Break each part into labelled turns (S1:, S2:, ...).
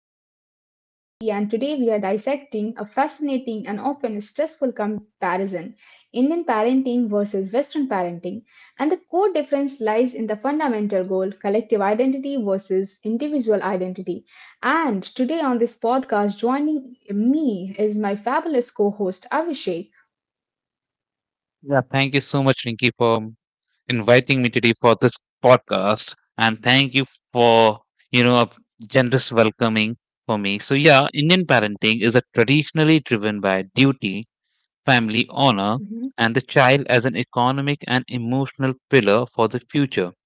S1: I'm your host Rinki and today we are dissecting a fascinating and often stressful comparison Indian parenting versus Western parenting. And the core difference lies in the fundamental goal collective identity versus individual identity. And today on this podcast, joining me is my fabulous co host Abhishek.
S2: Yeah, thank you so much, Rinki, for inviting me today for this podcast, and thank you for a generous welcoming for me. So yeah, Indian parenting is a traditionally driven by duty, family honor, and the child as an economic and emotional pillar for the future.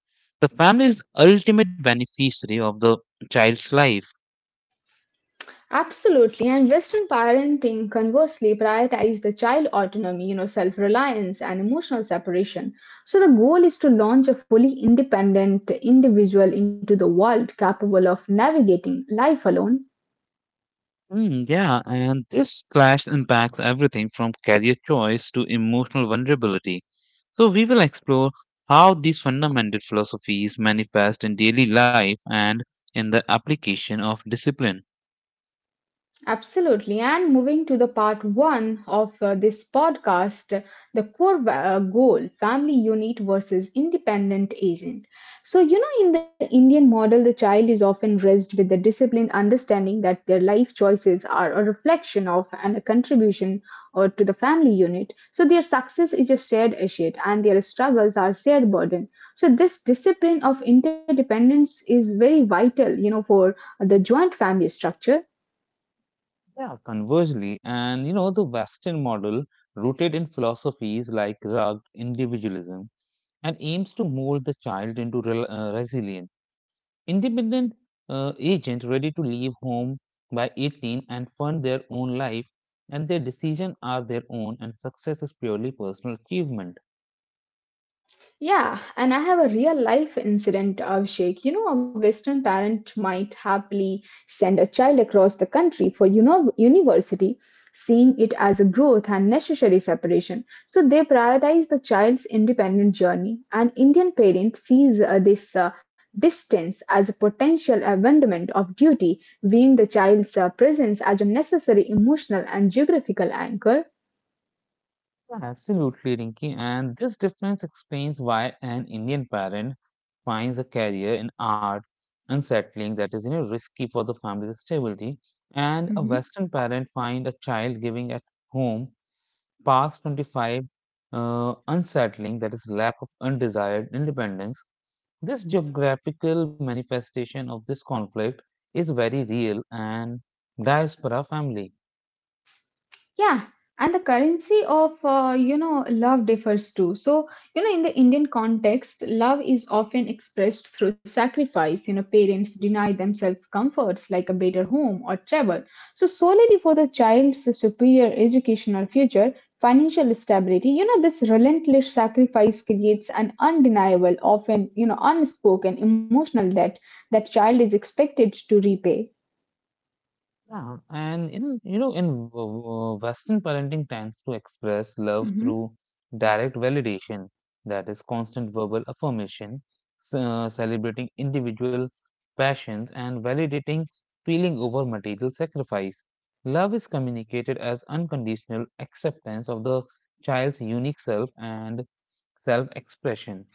S2: The family is the ultimate beneficiary of the child's life.
S1: Absolutely. And Western parenting conversely prioritizes the child autonomy, self reliance and emotional separation. So the goal is to launch a fully independent individual into the world capable of navigating life alone.
S2: Yeah, and this clash impacts everything from career choice to emotional vulnerability. So, we will explore how these fundamental philosophies manifest in daily life and in the application of discipline.
S1: Absolutely. And moving to the part one of this podcast, the core goal family unit versus independent agent. So, in the Indian model, the child is often raised with the disciplined understanding that their life choices are a reflection of and a contribution or to the family unit. So, their success is a shared asset and their struggles are shared burden. So, this discipline of interdependence is very vital, for the joint family structure.
S2: Yeah, conversely, and you know, the Western model, rooted in philosophies like rugged individualism, and aims to mold the child into rel resilience, independent agent, ready to leave home by 18 and fund their own life, and their decisions are their own and success is purely personal achievement.
S1: Yeah, and I have a real life incident, Abhishek. You know, a Western parent might happily send a child across the country for university, seeing it as a growth and necessary separation. So they prioritize the child's independent journey. An Indian parent sees this distance as a potential abandonment of duty, viewing the child's presence as a necessary emotional and geographical anchor.
S2: Yeah, absolutely, Rinki, and this difference explains why an Indian parent finds a career in art unsettling, that is, you know, risky for the family's stability, and a
S1: Mm-hmm.
S2: Western parent find a child giving at home past 25 unsettling, that is lack of undesired independence. This geographical manifestation of this conflict is very real and diaspora family.
S1: Yeah, and the currency of love differs too. So in the Indian context, love is often expressed through sacrifice. You know, parents deny themselves comforts like a better home or travel. So solely for the child's superior educational future, financial stability. You know, this relentless sacrifice creates an undeniable, often unspoken emotional debt that child is expected to repay.
S2: Yeah, and in you know in Western parenting tends to express love
S1: Mhm.
S2: through direct validation, that is constant verbal affirmation, celebrating individual passions and validating feeling over material sacrifice. Love is communicated as unconditional acceptance of the child's unique self and self expression.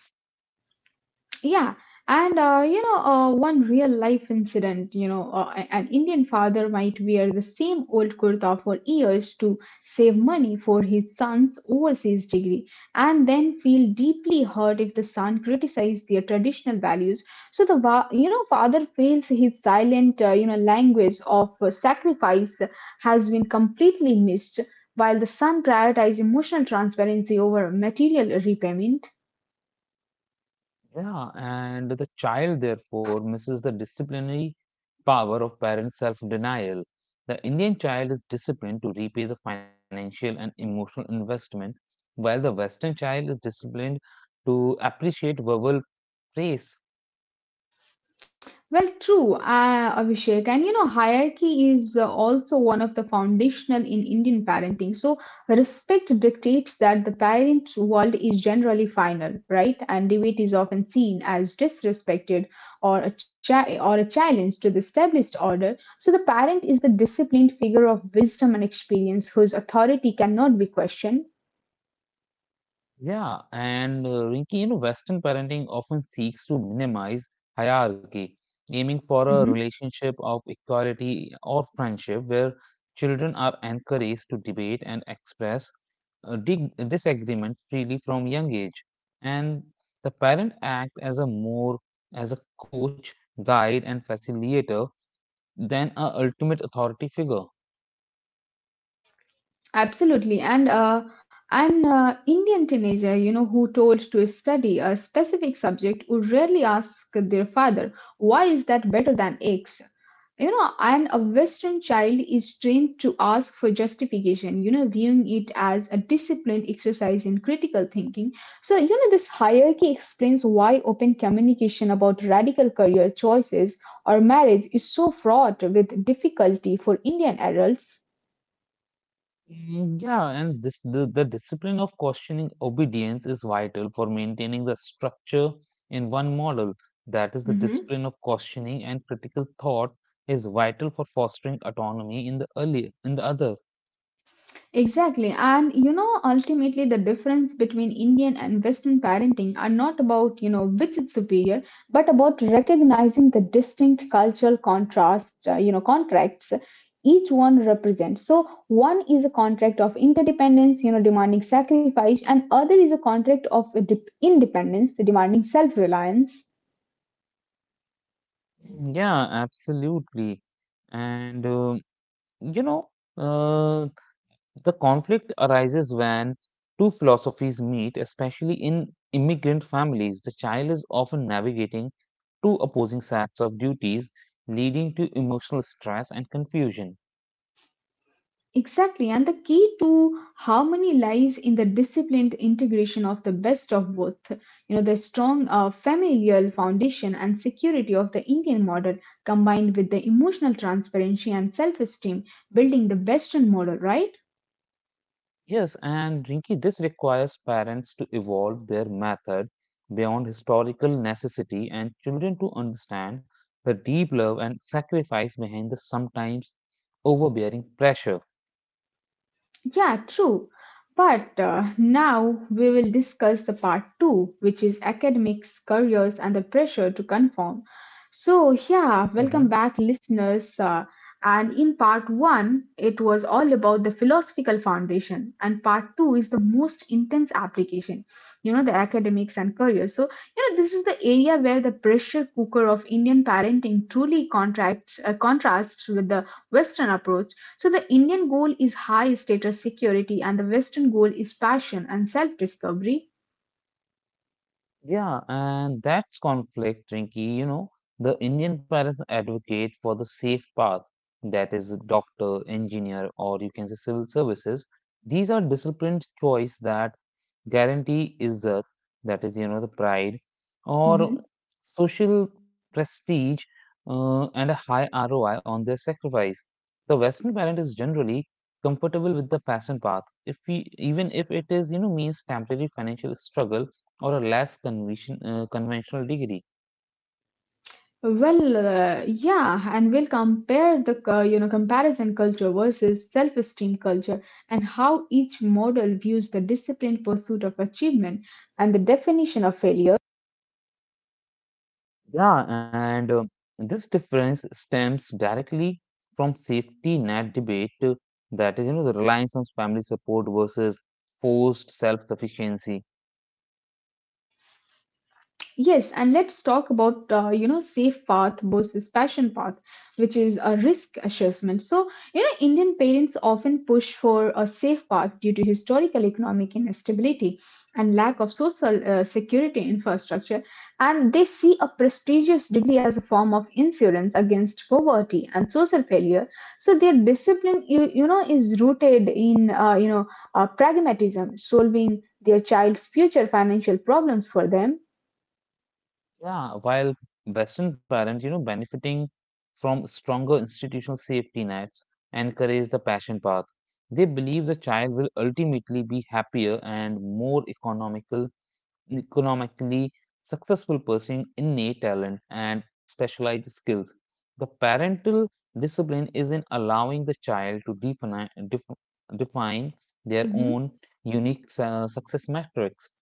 S1: Yeah, and one real life incident, an Indian father might wear the same old kurta for years to save money for his son's overseas degree and then feel deeply hurt if the son criticizes their traditional values. So the father feels his silent, language of sacrifice has been completely missed. While the son prioritizes emotional transparency over material repayment.
S2: Yeah, and the child therefore misses the disciplinary power of parents' self denial. The Indian child is disciplined to repay the financial and emotional investment, while the Western child is disciplined to appreciate verbal praise.
S1: Well, true, Abhishek. And you know, hierarchy is also one of the foundational in Indian parenting. So, respect dictates that the parent world is generally final, right? And debate is often seen as disrespected or a challenge to the established order. So, the parent is the disciplined figure of wisdom and experience whose authority cannot be questioned.
S2: Yeah, and Rinki, you know, Western parenting often seeks to minimize hierarchy, aiming for
S1: Mhm.
S2: a relationship of equality or friendship where children are encouraged to debate and express disagreement freely from young age, and the parent act as a more, as a coach, guide and facilitator than a ultimate authority figure.
S1: Absolutely. And an Indian teenager, who told to study a specific subject would rarely ask their father, why is that better than X? You know, and a Western child is trained to ask for justification, viewing it as a disciplined exercise in critical thinking. So, this hierarchy explains why open communication about radical career choices or marriage is so fraught with difficulty for Indian adults.
S2: Yeah, and the discipline of questioning obedience is vital for maintaining the structure in one model, that is the discipline of questioning and critical thought is vital for fostering autonomy in the early in the other.
S1: Exactly. And ultimately, the difference between Indian and Western parenting are not about, which is superior, but about recognizing the distinct cultural contracts each one represents. So, one is a contract of interdependence, demanding sacrifice, and other is a contract of independence, demanding self reliance.
S2: Yeah, absolutely, and you know, uh, the conflict arises when two philosophies meet, especially in immigrant families. The child is often navigating two opposing sets of duties, leading to emotional stress and confusion.
S1: Exactly, and the key to harmony lies in the disciplined integration of the best of both. You know, the strong familial foundation and security of the Indian model combined with the emotional transparency and self esteem, building the Western model, right?
S2: Yes, and Rinki, this requires parents to evolve their method beyond historical necessity and children to understand the deep love and sacrifice behind the sometimes overbearing pressure.
S1: Yeah, true. But now we will discuss the part two, which is academics, careers, and the pressure to conform. So, yeah, welcome back, listeners. And in part one, it was all about the philosophical foundation, and part two is the most intense application, the academics and careers. So, this is the area where the pressure cooker of Indian parenting truly contrasts with the Western approach. So the Indian goal is high status security, and the Western goal is passion and self discovery.
S2: Yeah, and that's conflict, Rinky. You know, the Indian parents advocate for the safe path, that is, doctor, engineer, or you can say civil services. These are disciplined choice that guarantee izzat, that is, you know, the pride, or
S1: Mhm.
S2: social prestige, and a high ROI on their sacrifice. The Western parent is generally comfortable with the passion path, if we, even if it is, you know, means temporary financial struggle or a less conventional degree.
S1: Well, yeah, and we'll compare the comparison culture versus self esteem culture, and how each model views the disciplined pursuit of achievement and the definition of failure.
S2: Yeah, and this difference stems directly from safety net debate that is, you know, the reliance on family support versus forced self-sufficiency.
S1: Yes, and let's talk about safe path versus passion path, which is a risk assessment. So Indian parents often push for a safe path due to historical economic instability and lack of social security infrastructure, and they see a prestigious degree as a form of insurance against poverty and social failure. So their discipline, is rooted in pragmatism, solving their child's future financial problems for them.
S2: Yeah, while Western parents, you know, benefiting from stronger institutional safety nets encourage the passion path. They believe the child will ultimately be happier and more economically successful person innate talent and specialized skills. The parental discipline is in allowing the child to define their
S1: Mm-hmm.
S2: own unique success metrics.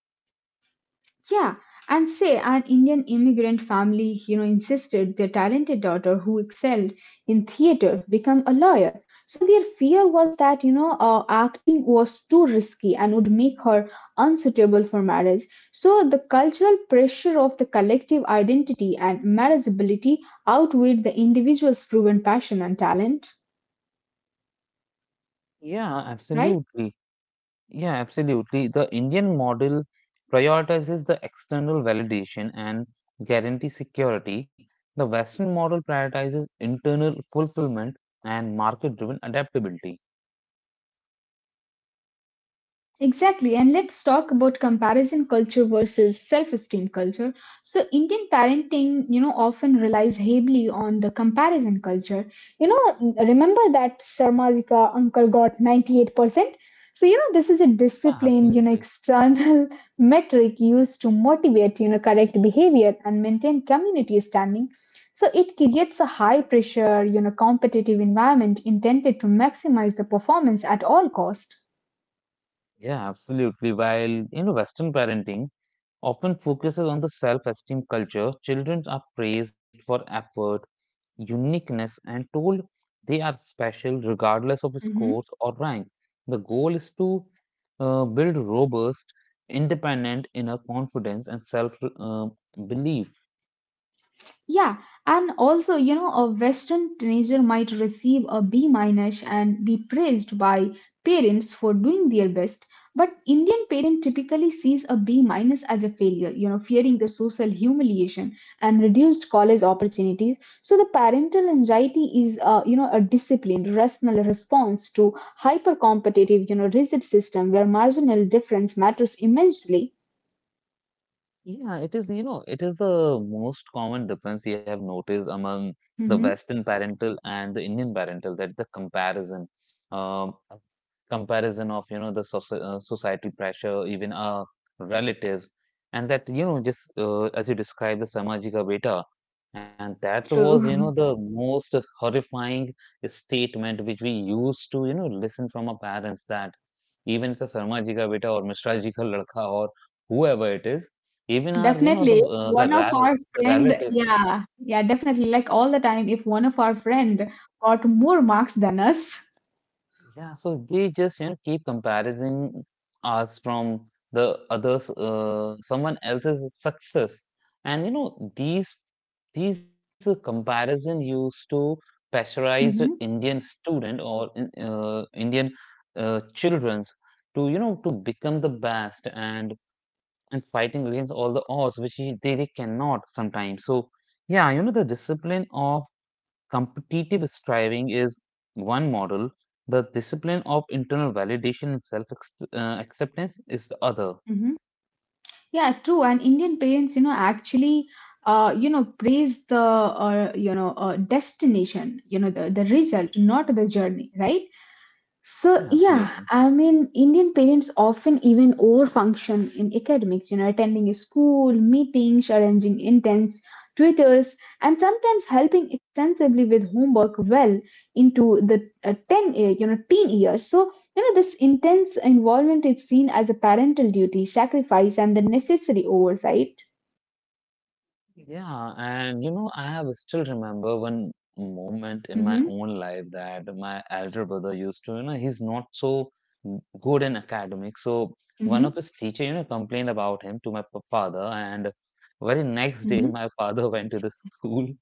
S1: Yeah, and say an Indian immigrant family, insisted their talented daughter, who excelled in theater, become a lawyer. So their fear was that, acting was too risky and would make her unsuitable for marriage. So the cultural pressure of the collective identity and marriageability outweighed the individual's proven passion and talent,
S2: Yeah,
S1: right?
S2: absolutely. Yeah, absolutely. The Indian model prioritizes the external validation and guarantee security. The Western model prioritizes internal fulfillment and market driven adaptability.
S1: Exactly, and let's talk about comparison culture versus self-esteem culture. So Indian parenting, often relies heavily on the comparison culture. You know, remember that Sarmajika uncle got 98%? So, this is a
S2: Yeah,
S1: disciplined,
S2: absolutely.
S1: external metric used to motivate, correct behavior and maintain community standing. So it creates a high pressure, competitive environment intended to maximize the performance at all cost.
S2: Yeah, absolutely. While, you know, Western parenting often focuses on the self-esteem culture, children are praised for effort, uniqueness, and told they are special regardless of
S1: Mhm.
S2: scores or rank. The goal is to build robust, independent inner confidence and self belief.
S1: Yeah, and also, a Western teenager might receive a B minus and be praised by parents for doing their best, but Indian parent typically sees a B minus as a failure, fearing the social humiliation and reduced college opportunities. So the parental anxiety is, a disciplined, rational response to hyper competitive, rigid system where marginal difference matters immensely.
S2: Yeah, it is, you know, it is the most common difference we have noticed among the
S1: Mhm.
S2: Western parental and the Indian parental that the comparison. Um, comparison of you know the society pressure, even our relatives, and that you know just as you described the samajika beta, and that was you know
S1: True.
S2: the most horrifying statement which we used to you know listen from our parents, that even it's a Sarma beta or Mishra ka ladka or whoever it is, even our you know the
S1: Definitely, one of our
S2: the
S1: friend,
S2: relative.
S1: yeah, yeah, definitely. Like all the time, if one of our friend got more marks than us.
S2: Yeah, so they just you know keep comparison us from the others, someone else's success, and you know these comparison used to pressurize
S1: Hmm.
S2: Indian student or Indian childrens to you know to become the best and fighting against all the odds which they cannot sometimes. So yeah, you know the discipline of competitive striving is one model, the discipline of internal validation and self acceptance is the other.
S1: Hmm. Yeah, true. And Indian parents, actually, you know, praise the, destination, the result, not the journey, right? So
S2: Yeah,
S1: yeah,
S2: absolutely.
S1: I mean, Indian parents often even overfunction in academics. You know, attending a school, meetings, arranging intense tutors, and sometimes helping extensively with homework well into the 10 year, teen years. So this intense involvement is seen as a parental duty, sacrifice, and the necessary oversight.
S2: Yeah, and you know, I have still remember one moment in my
S1: Hmm.
S2: own life that my elder brother used to, you know, he's not so good in academics. So one
S1: Hmm.
S2: of his teacher, you know, complained about him to my father, and very next day, my father went to the school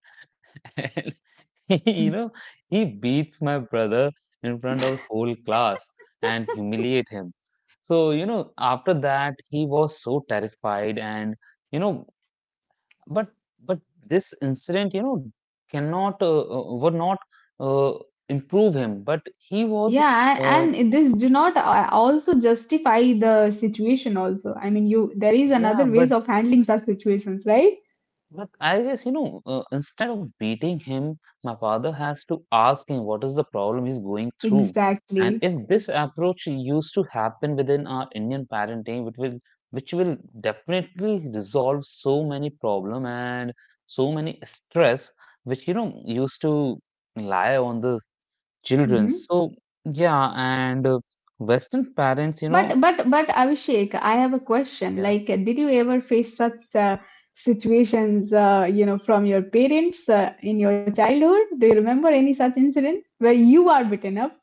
S1: Hmm.
S2: you know, he beats my brother in front of whole class and humiliate him. So, you know, after that, he was so terrified and, you know, but, but this incident, you know, cannot, would not uh, improve him, but he was,
S1: Yeah,
S2: uh,
S1: this do not also justify the situation also. I mean, you there is
S2: yeah,
S1: another
S2: but
S1: ways of handling such situations, right?
S2: But I guess, you know, instead of beating him, my father has to ask him what is the problem he's going through. And
S1: Exactly.
S2: if this approach used to happen within our Indian parenting, which will definitely resolve so many problem and so many stress, which you know used to lie on the children.
S1: Hmm.
S2: So yeah, and Western parents, you know,
S1: But Abhishek, I have a question.
S2: yeah,
S1: Like, did you ever face such situations, from your parents in your childhood? Do you remember any such incident where you are beaten up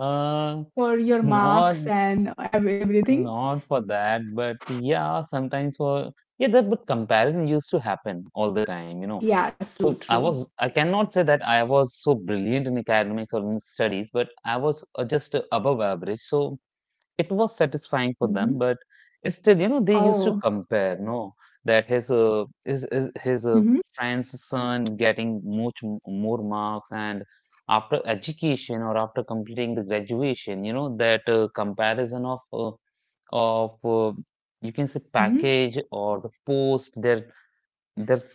S2: uh,
S1: for your
S2: not.
S1: marks and everything?
S2: Not for that, but yeah, sometimes for yeah, that but comparison used to happen all the time, you know.
S1: Yeah, true,
S2: So
S1: true.
S2: I cannot say that I was so brilliant in academics or in studies, but I was just above average. So it was satisfying for them,
S1: Hmm.
S2: but still you know they used to
S1: Oh.
S2: compare no, that his
S1: Hmm.
S2: friend's son getting much more marks, and after education or after completing the graduation you know that comparison of of uh, you can say
S1: Hmm.
S2: package or the post their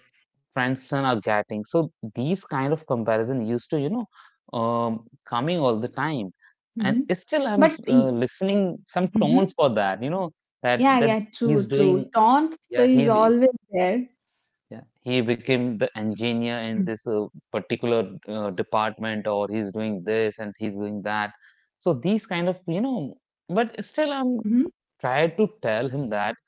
S2: friends son are getting. So these kind of comparison used to, you know, coming all the time, and
S1: Hmm.
S2: still I'm
S1: But y-
S2: listening some tones
S1: Mhm.
S2: for that. You know that
S1: Yeah,
S2: that
S1: yeah,
S2: he's
S1: true, true.
S2: doing.
S1: Taunt so
S2: Yeah,
S1: is
S2: he be-
S1: always there.
S2: yeah, he became the engineer in this particular department, or he's doing this and he's doing that. So these kind of you know, but still I'm
S1: Hmm.
S2: try to tell him that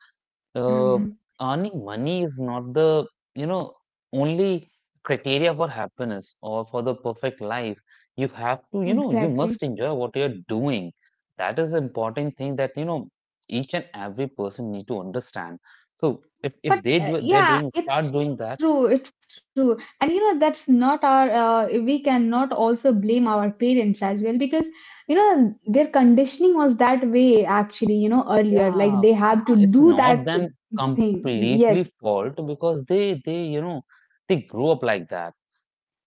S2: uh, earning money is not the you know only criteria for happiness or for the perfect life, you have to you know you
S1: Exactly.
S2: must enjoy what you're doing, that is the important thing that you know each and every person need to understand. So
S1: But
S2: if they do they're
S1: yeah,
S2: doing
S1: it's
S2: start doing that.
S1: true. It's true. And you know, that's not our, we cannot also blame our parents as well because, their conditioning was that way actually, earlier. Like
S2: Yeah,
S1: they had
S2: yeah,
S1: to
S2: it's
S1: do
S2: not
S1: that
S2: them
S1: thing. Yes.
S2: completely fault because they you know they grew up like that.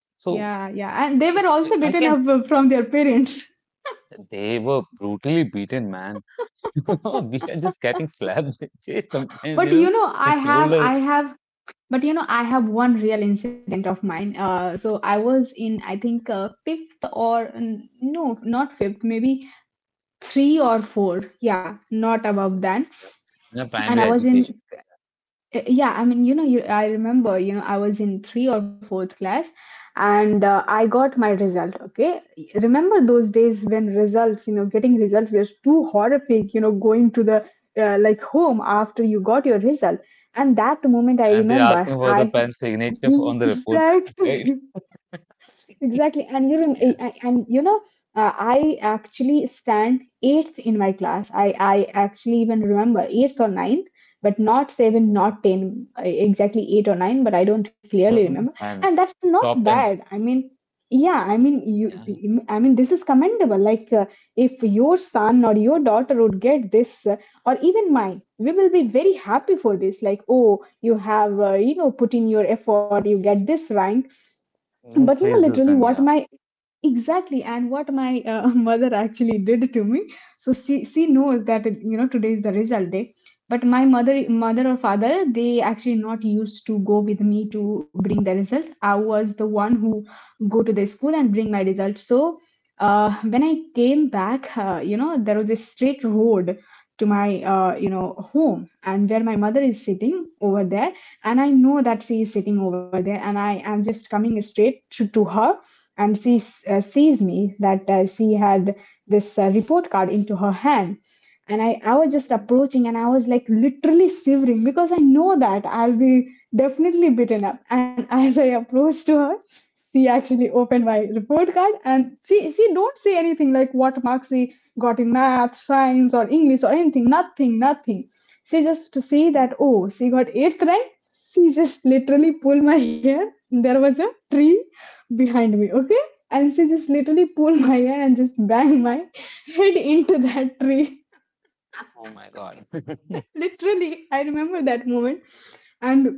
S1: Yeah,
S2: So
S1: yeah. And they were
S2: it's,
S1: also
S2: I
S1: beaten
S2: can
S1: up from their parents.
S2: they were brutally beaten, man. No, we are just getting slapped. See, sometimes, you
S1: But
S2: know,
S1: you know,
S2: they
S1: I
S2: told
S1: have
S2: us.
S1: I have But you know, I have one real incident of mine. So I was in, I think, fifth or no, not fifth, maybe three or four. Yeah, not above
S2: Mhm.
S1: that.
S2: In a
S1: And I
S2: primary
S1: was in,
S2: education.
S1: I remember, I was in three or fourth class and I got my result. Okay. Remember those days when results, getting results was too horrific, going to the like home after you got your result. And that moment I
S2: And they're
S1: remember,
S2: asking for the
S1: I.
S2: pen signature on the report card, right?
S1: Exactly. Exactly, and you rem-
S2: Yeah,
S1: a- and you know, I actually stand eighth in my class. I actually even remember eighth or ninth, but not seven,
S2: yeah.
S1: not ten, exactly eight or nine. But I don't
S2: You
S1: clearly
S2: have to
S1: remember,
S2: make pen,
S1: and that's not
S2: top 10.
S1: bad.
S2: Yeah.
S1: I mean this is commendable. Like if your son or your daughter would get this, or even mine, we will be very happy for this. Like, oh, you have put in your effort, you get this rank.
S2: Even
S1: But you know
S2: praises
S1: literally
S2: them,
S1: what
S2: yeah.
S1: my exactly and what my mother actually did to me. So she knows that you know today is the result day, but my mother or father they actually not used to go with me to bring the result. I was the one who go to the school and bring my result. So when I came back, you know, there was a straight road to my you know home, and where my mother is sitting over there. And I know that she is sitting over there and I am just coming straight to her. And she sees me that she had this report card into her hand. And I was just approaching and I was like literally shivering because I know that I'll be definitely beaten up. And as I approached to her, she actually opened my report card and she don't say anything like what marks she got in math, science, or english, or anything, nothing nothing. She just to see that, oh, she got eighth rank, she just literally pulled my hair. There was a tree behind me, okay? And she just literally pulled my hair and just banged my head into that tree.
S2: Oh my God.
S1: Literally, I remember that moment. And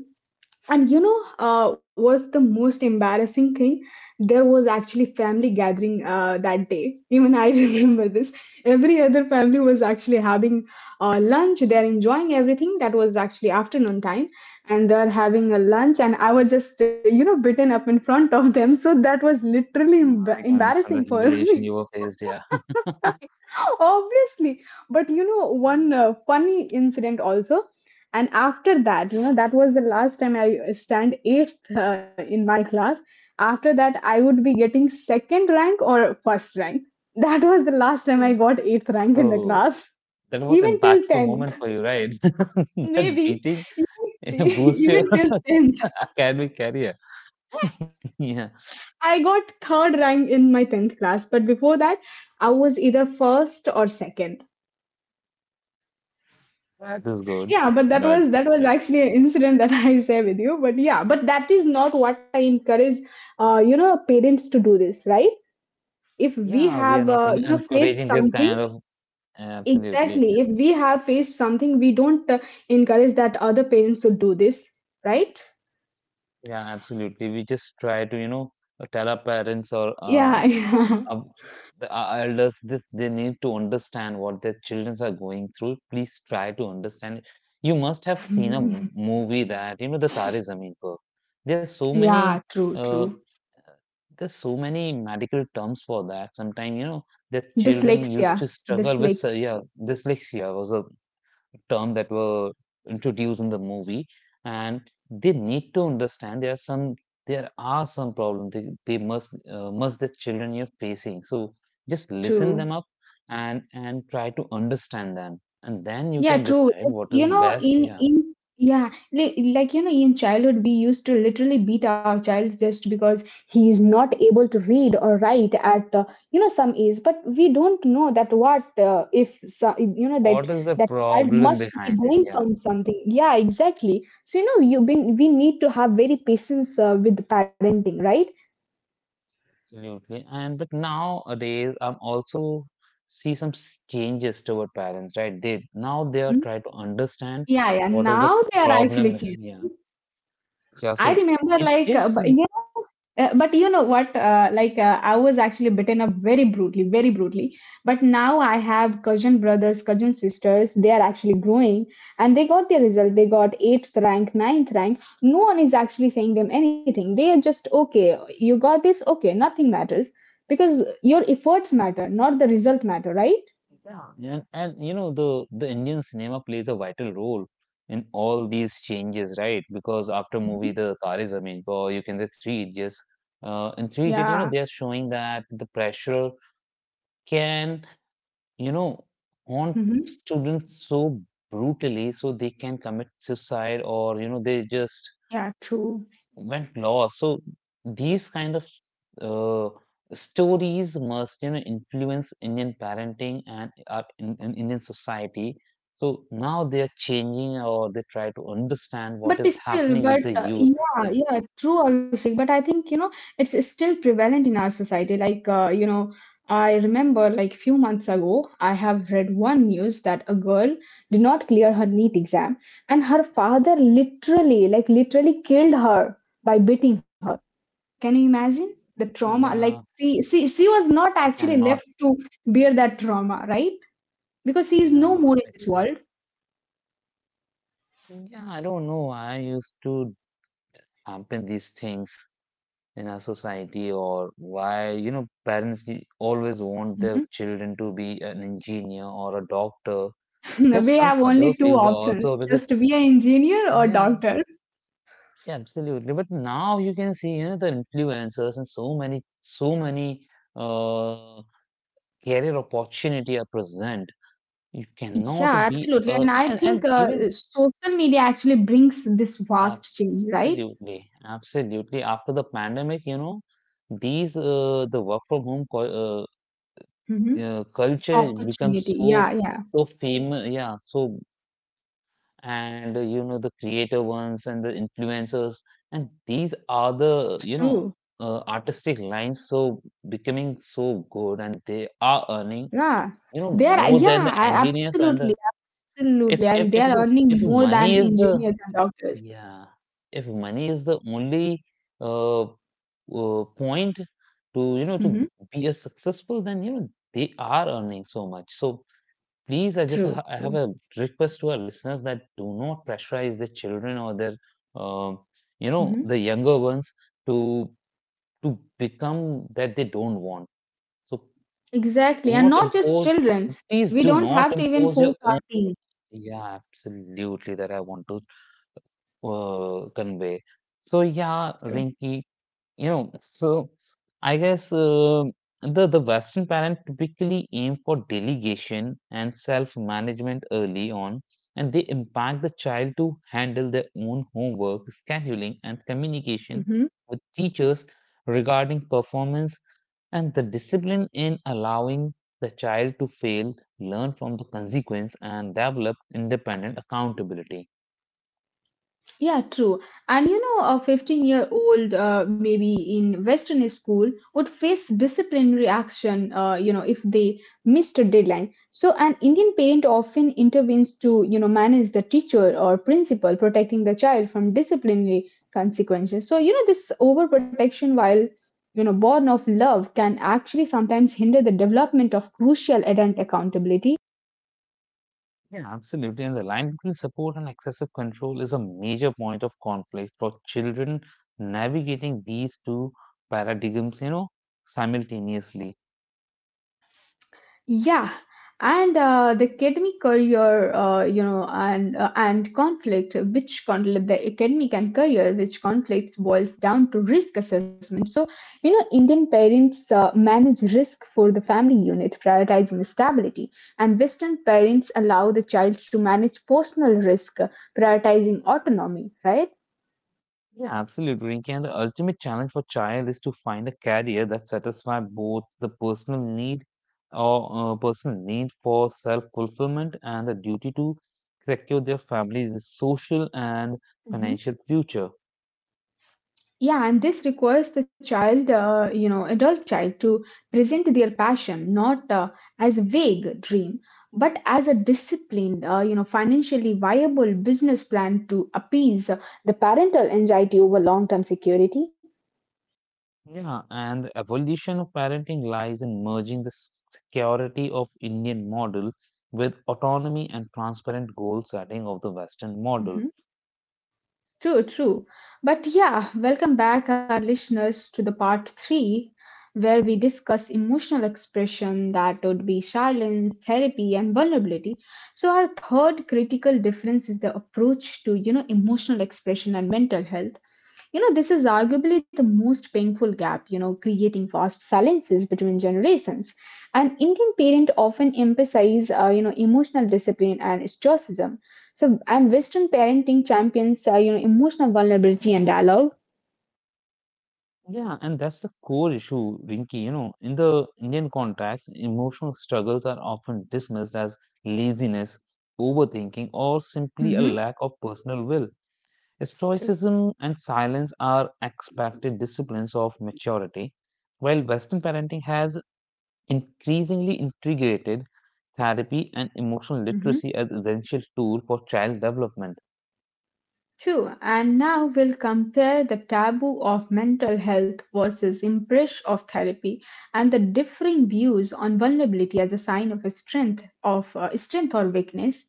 S1: was the most embarrassing thing. There was actually family gathering that day, even I remember this. Every other family was actually having lunch, they're enjoying everything. That was actually afternoon time, and they're having a lunch, and I was just, you know, bitten up in front of them. So that was literally
S2: Yeah, I can understand
S1: embarrassing
S2: the
S1: for
S2: humiliation
S1: me.
S2: you were faced, yeah.
S1: Obviously. But you know,
S2: Yeah.
S1: one funny incident also. And after that, you know, that was the last time I stand eighth in my class. After that, I would be getting second rank or first rank. That was the last time
S2: Mm.
S1: I got eighth rank in the
S2: So
S1: class.
S2: that was
S1: Even till
S2: impactful
S1: 10th,
S2: moment for you, right? That
S1: maybe.
S2: beating
S1: Even
S2: boost your
S1: even till 10th.
S2: academic career. Yeah.
S1: I got third rank in my 10th class, but before that, I was either first or second.
S2: That is good,
S1: Yeah, but
S2: but
S1: that
S2: yeah.
S1: was actually an incident that I share with you. But yeah, but that is not what I encourage. You know, parents to do this, right? If we
S2: Yeah, we are
S1: have,
S2: not
S1: faced
S2: encouraging this kind
S1: something
S2: of absolutely.
S1: exactly. If we have faced something, we don't encourage that other parents to do this, right?
S2: Yeah, absolutely. We just try to, you know, tell our parents or
S1: Yeah.
S2: uh, the elders, this they need to understand what their children are going through. Please try to understand it. You must have
S1: Yeah,
S2: seen a movie that, you know, the Tare Zameen Par. There's so many
S1: yeah. True,
S2: uh,
S1: true.
S2: there's so many medical terms for that. Sometimes, you know, that children
S1: Dyslexia,
S2: used to struggle with,
S1: dyslexia.
S2: dyslexia was a term that were introduced in the movie and they need to understand there are some problems they must the children you're facing. So just listen them
S1: True.
S2: up and try to understand them, and then you
S1: Yeah,
S2: can
S1: true.
S2: decide
S1: Like,
S2: what
S1: you
S2: is
S1: know,
S2: best.
S1: in
S2: Yeah,
S1: in yeah, like you know, in childhood we used to literally beat our child just because he is not able to read or write at you know some age. But we don't know that what if so, you know that
S2: what is the
S1: that child
S2: problem
S1: must be
S2: behind it?
S1: going
S2: Yeah,
S1: from something. Yeah, exactly. So you know, you been we need to have very patience with parenting, right?
S2: absolutely. And but nowadays I'm also see some changes toward parents, right? They, now they
S1: Mhm.
S2: are trying to understand
S1: Yeah, yeah.
S2: what is the
S1: Now they are
S2: problem
S1: actually
S2: behind? Yeah, yeah,
S1: I
S2: so
S1: remember,
S2: it
S1: like, uh,
S2: is.
S1: but, you know, uh, but you know what? I was actually beaten up very brutally, very brutally. But now I have cousin brothers, cousin sisters. They are actually growing, and they got their result. They got eighth rank, ninth rank. No one is actually saying them anything. They are just okay. You got this. Okay, nothing matters because your efforts matter, not the result matter, right?
S2: And you know, the Indian cinema plays a vital role in all these changes, right? Because after movie,
S1: Mhm.
S2: the Tar is Zameen Par, you can say Three Idiots. In Three Idiots, you know,
S1: Yeah.
S2: they are showing that the pressure can, you know, haunt
S1: Hmm.
S2: students so brutally, so they can commit suicide, or you know, they just
S1: Yeah, true.
S2: went lost. So these kind of uh, stories must, you know, influence Indian parenting and our in Indian society. So now they are changing, or they try to understand what
S1: But
S2: is
S1: still,
S2: happening with
S1: but
S2: the youth.
S1: yeah,
S2: Yeah,
S1: yeah, true, Abhishek. But I think, you know, it's still prevalent in our society. Like, you know, I remember like few months ago, I have read one news that a girl did not clear her NEET exam, and her father literally, like, literally killed her by beating her. Can you imagine the trauma? Like,
S2: yeah,
S1: she was not
S2: I
S1: actually left
S2: cannot.
S1: to bear that trauma, right? Because she is no
S2: Yeah,
S1: more in
S2: I
S1: this
S2: cannot.
S1: world.
S2: Yeah, I don't know. I used to happen these things in our society. Or why, you know, parents always want
S1: Mm-hmm.
S2: their children to be an engineer or a doctor? There's
S1: We
S2: some
S1: have
S2: other
S1: only two
S2: fields
S1: options,
S2: also, because
S1: just be an engineer or
S2: yeah,
S1: doctor.
S2: yeah, absolutely. But now you can see, you know, the influencers and so many, so many uh career opportunity are present. You
S1: Yeah,
S2: cannot be
S1: absolutely. And I
S2: and
S1: think
S2: even
S1: social media actually brings this vast change, right?
S2: absolutely, absolutely after the pandemic, you know, these the work from home
S1: Hmm.
S2: culture
S1: Opportunity.
S2: becomes
S1: Yeah,
S2: so
S1: yeah.
S2: so famous, yeah. So and you know, the creator ones and the influencers, and these are the, you know,
S1: True.
S2: artistic lines, so becoming so good, and they are earning,
S1: Yeah.
S2: you know,
S1: They are,
S2: more than the
S1: yeah,
S2: engineers and
S1: absolutely.
S2: the,
S1: Absolutely. And they
S2: if
S1: are
S2: the, if
S1: earning more
S2: money
S1: than
S2: is the,
S1: engineers and doctors.
S2: yeah, if money is the only point to, you know, to
S1: Hmm.
S2: be a successful, then you know they are earning so much. So please, I just,
S1: True,
S2: I have
S1: true.
S2: a request to our listeners that do not pressurize the children or their um you know, the
S1: Hmm.
S2: younger ones to to become that they don't want. So do
S1: Exactly. And
S2: not
S1: not just
S2: impose,
S1: children.
S2: please
S1: We
S2: do
S1: don't
S2: not
S1: have to even
S2: impose your
S1: force our
S2: own.
S1: teens.
S2: Yeah, absolutely, that I want to convey. So yeah, Rinky, you know, so I guess the Western parent typically aim for delegation and self-management early on, and they impact the child to handle their own homework, scheduling, and communication
S1: True.
S2: with teachers regarding performance, and the discipline in allowing the child to fail, learn from the consequence, and develop independent accountability.
S1: Yeah, true. And you know, a 15-year-old year old, maybe in Western school, would face disciplinary action, if they missed a deadline. So, an Indian parent often intervenes to, you know, manage the teacher or principal, protecting the child from disciplinary consequences. So, you know, this overprotection, while, you know, born of love, can actually sometimes hinder the development of crucial adult accountability.
S2: Yeah, absolutely. And the line between support and excessive control is a major point of conflict for children navigating these two paradigms, you know, simultaneously.
S1: Yeah, and the academic career, and conflict, the academic and career, which conflicts boils down to risk assessment. So, you know, Indian parents manage risk for the family unit, prioritizing stability, and Western parents allow the child to manage personal risk, prioritizing autonomy. Right?
S2: Yeah, absolutely, Rinki. And the ultimate challenge for child is to find a career that satisfies both the personal need, or personal need for self-fulfillment, and the duty to secure their family's social and
S1: Mhm.
S2: financial future.
S1: Yeah, and this requires the child, adult child to present their passion not as a vague dream, but as a disciplined, financially viable business plan to appease the parental anxiety over long-term security.
S2: Yeah, and the evolution of parenting lies in merging the security of Indian model with autonomy and transparent goal setting of the Western model.
S1: Mhm. True, true. But yeah, welcome back, our listeners, to the part three, where we discuss emotional expression that would be silence, therapy, and vulnerability. So our third critical difference is the approach to you know emotional expression and mental health. You know, this is arguably the most painful gap, you know, creating vast silences between generations. And Indian parents often emphasize, you know, emotional discipline and stoicism so, and Western parenting champions, you know, emotional vulnerability and dialogue.
S2: Yeah, and that's the core issue, Rinki. You know, in the Indian context, emotional struggles are often dismissed as laziness, overthinking, or simply a
S1: Mm-hmm.
S2: lack of personal will.
S1: True.
S2: Stoicism and silence are expected disciplines of maturity, while Western parenting has increasingly integrated therapy and emotional
S1: Mm-hmm.
S2: literacy as essential tool for child development.
S1: True. And now we'll compare the taboo of mental health versus embrace of therapy, and the differing views on vulnerability as a sign of a strength of strength or weakness.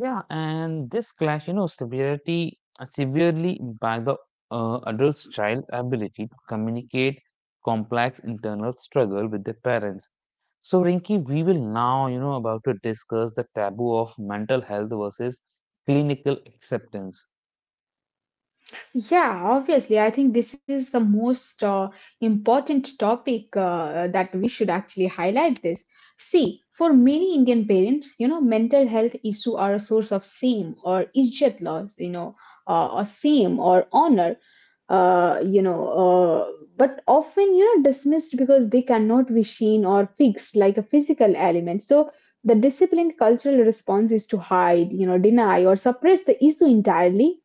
S2: Yeah, and this clash, you know, severity severely impact the adult's child ability to communicate complex internal struggle with their parents. So Rinki, we will now, you know, about to discuss the taboo of mental health versus clinical acceptance.
S1: Yeah, obviously. I think this is the most important topic that we should actually highlight this. See, for many Indian parents, you know, mental health issue are a source of shame or izzat loss, you know, or shame or honor, uh, you know, uh, but often, you know, dismissed because they cannot be seen or fixed like a physical element. So the disciplined cultural response is to hide, you know, deny or suppress the issue entirely.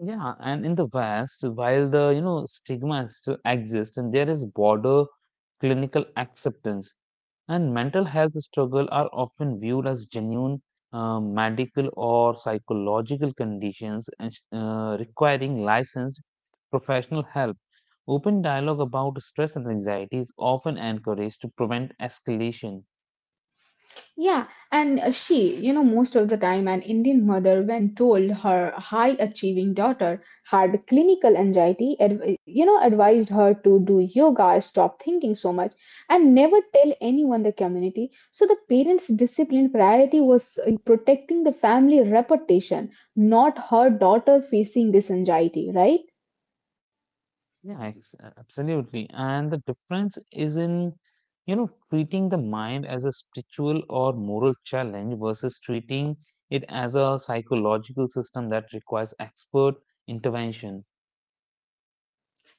S2: Yeah, and in the West, while the, you know, stigma still exists, and there is broader clinical acceptance, and mental health struggle are often viewed as genuine medical or psychological conditions, requiring licensed professional help. Open dialogue about stress and anxiety is often encouraged to prevent escalation.
S1: Yeah, and she, you know, most of the time, an Indian mother, when told her high achieving daughter had clinical anxiety, you know, advised her to do yoga, stop thinking so much, and never tell anyone the community. So the parents' discipline priority was protecting the family reputation, not her daughter facing this anxiety, right?
S2: Yeah, absolutely. And the difference is in, you know, treating the mind as a spiritual or moral challenge versus treating it as a psychological system that requires expert intervention.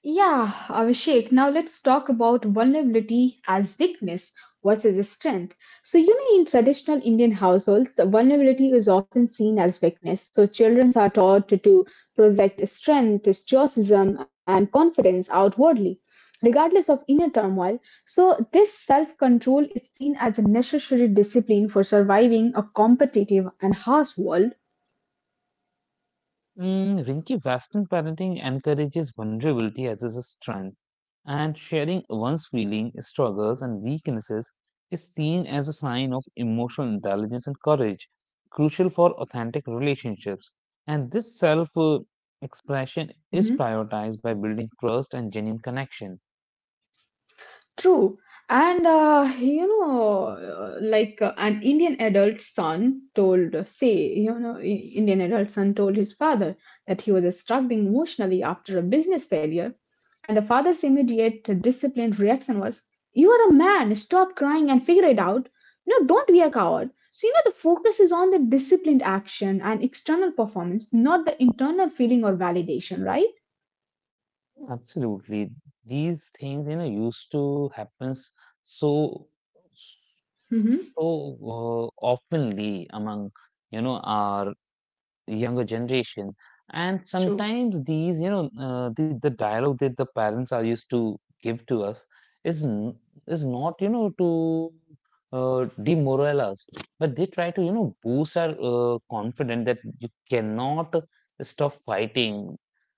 S1: Yeah, Abhishek, now let's talk about vulnerability as weakness versus a strength. So, you know, in traditional Indian households, vulnerability is often seen as weakness. So, children are taught to project strength, stoicism, and confidence outwardly, regardless of inner turmoil. So, this self control is seen as a necessary discipline for surviving a competitive and harsh world.
S2: Mm, Rinki, Western parenting encourages vulnerability as a strength, and sharing one's feelings, struggles, and weaknesses is seen as a sign of emotional intelligence and courage, crucial for authentic relationships. And this self expression is prioritized by building trust and genuine connection.
S1: True. And like an Indian adult son told, say, you know, Indian adult son told his father that he was struggling emotionally after a business failure. And the father's immediate disciplined reaction was, you are a man, stop crying and figure it out. Don't be a coward. So, you know, the focus is on the disciplined action and external performance, not the internal feeling or validation, right?
S2: Absolutely, these things, you know, used to happens so,
S1: Hmm.
S2: so oftenly among, you know, our younger generation. And
S1: True.
S2: sometimes these, you know, the dialogue that the parents are used to give to us is is not, you know, to demoralize us, but they try to, you know, boost our confidence that you cannot stop fighting.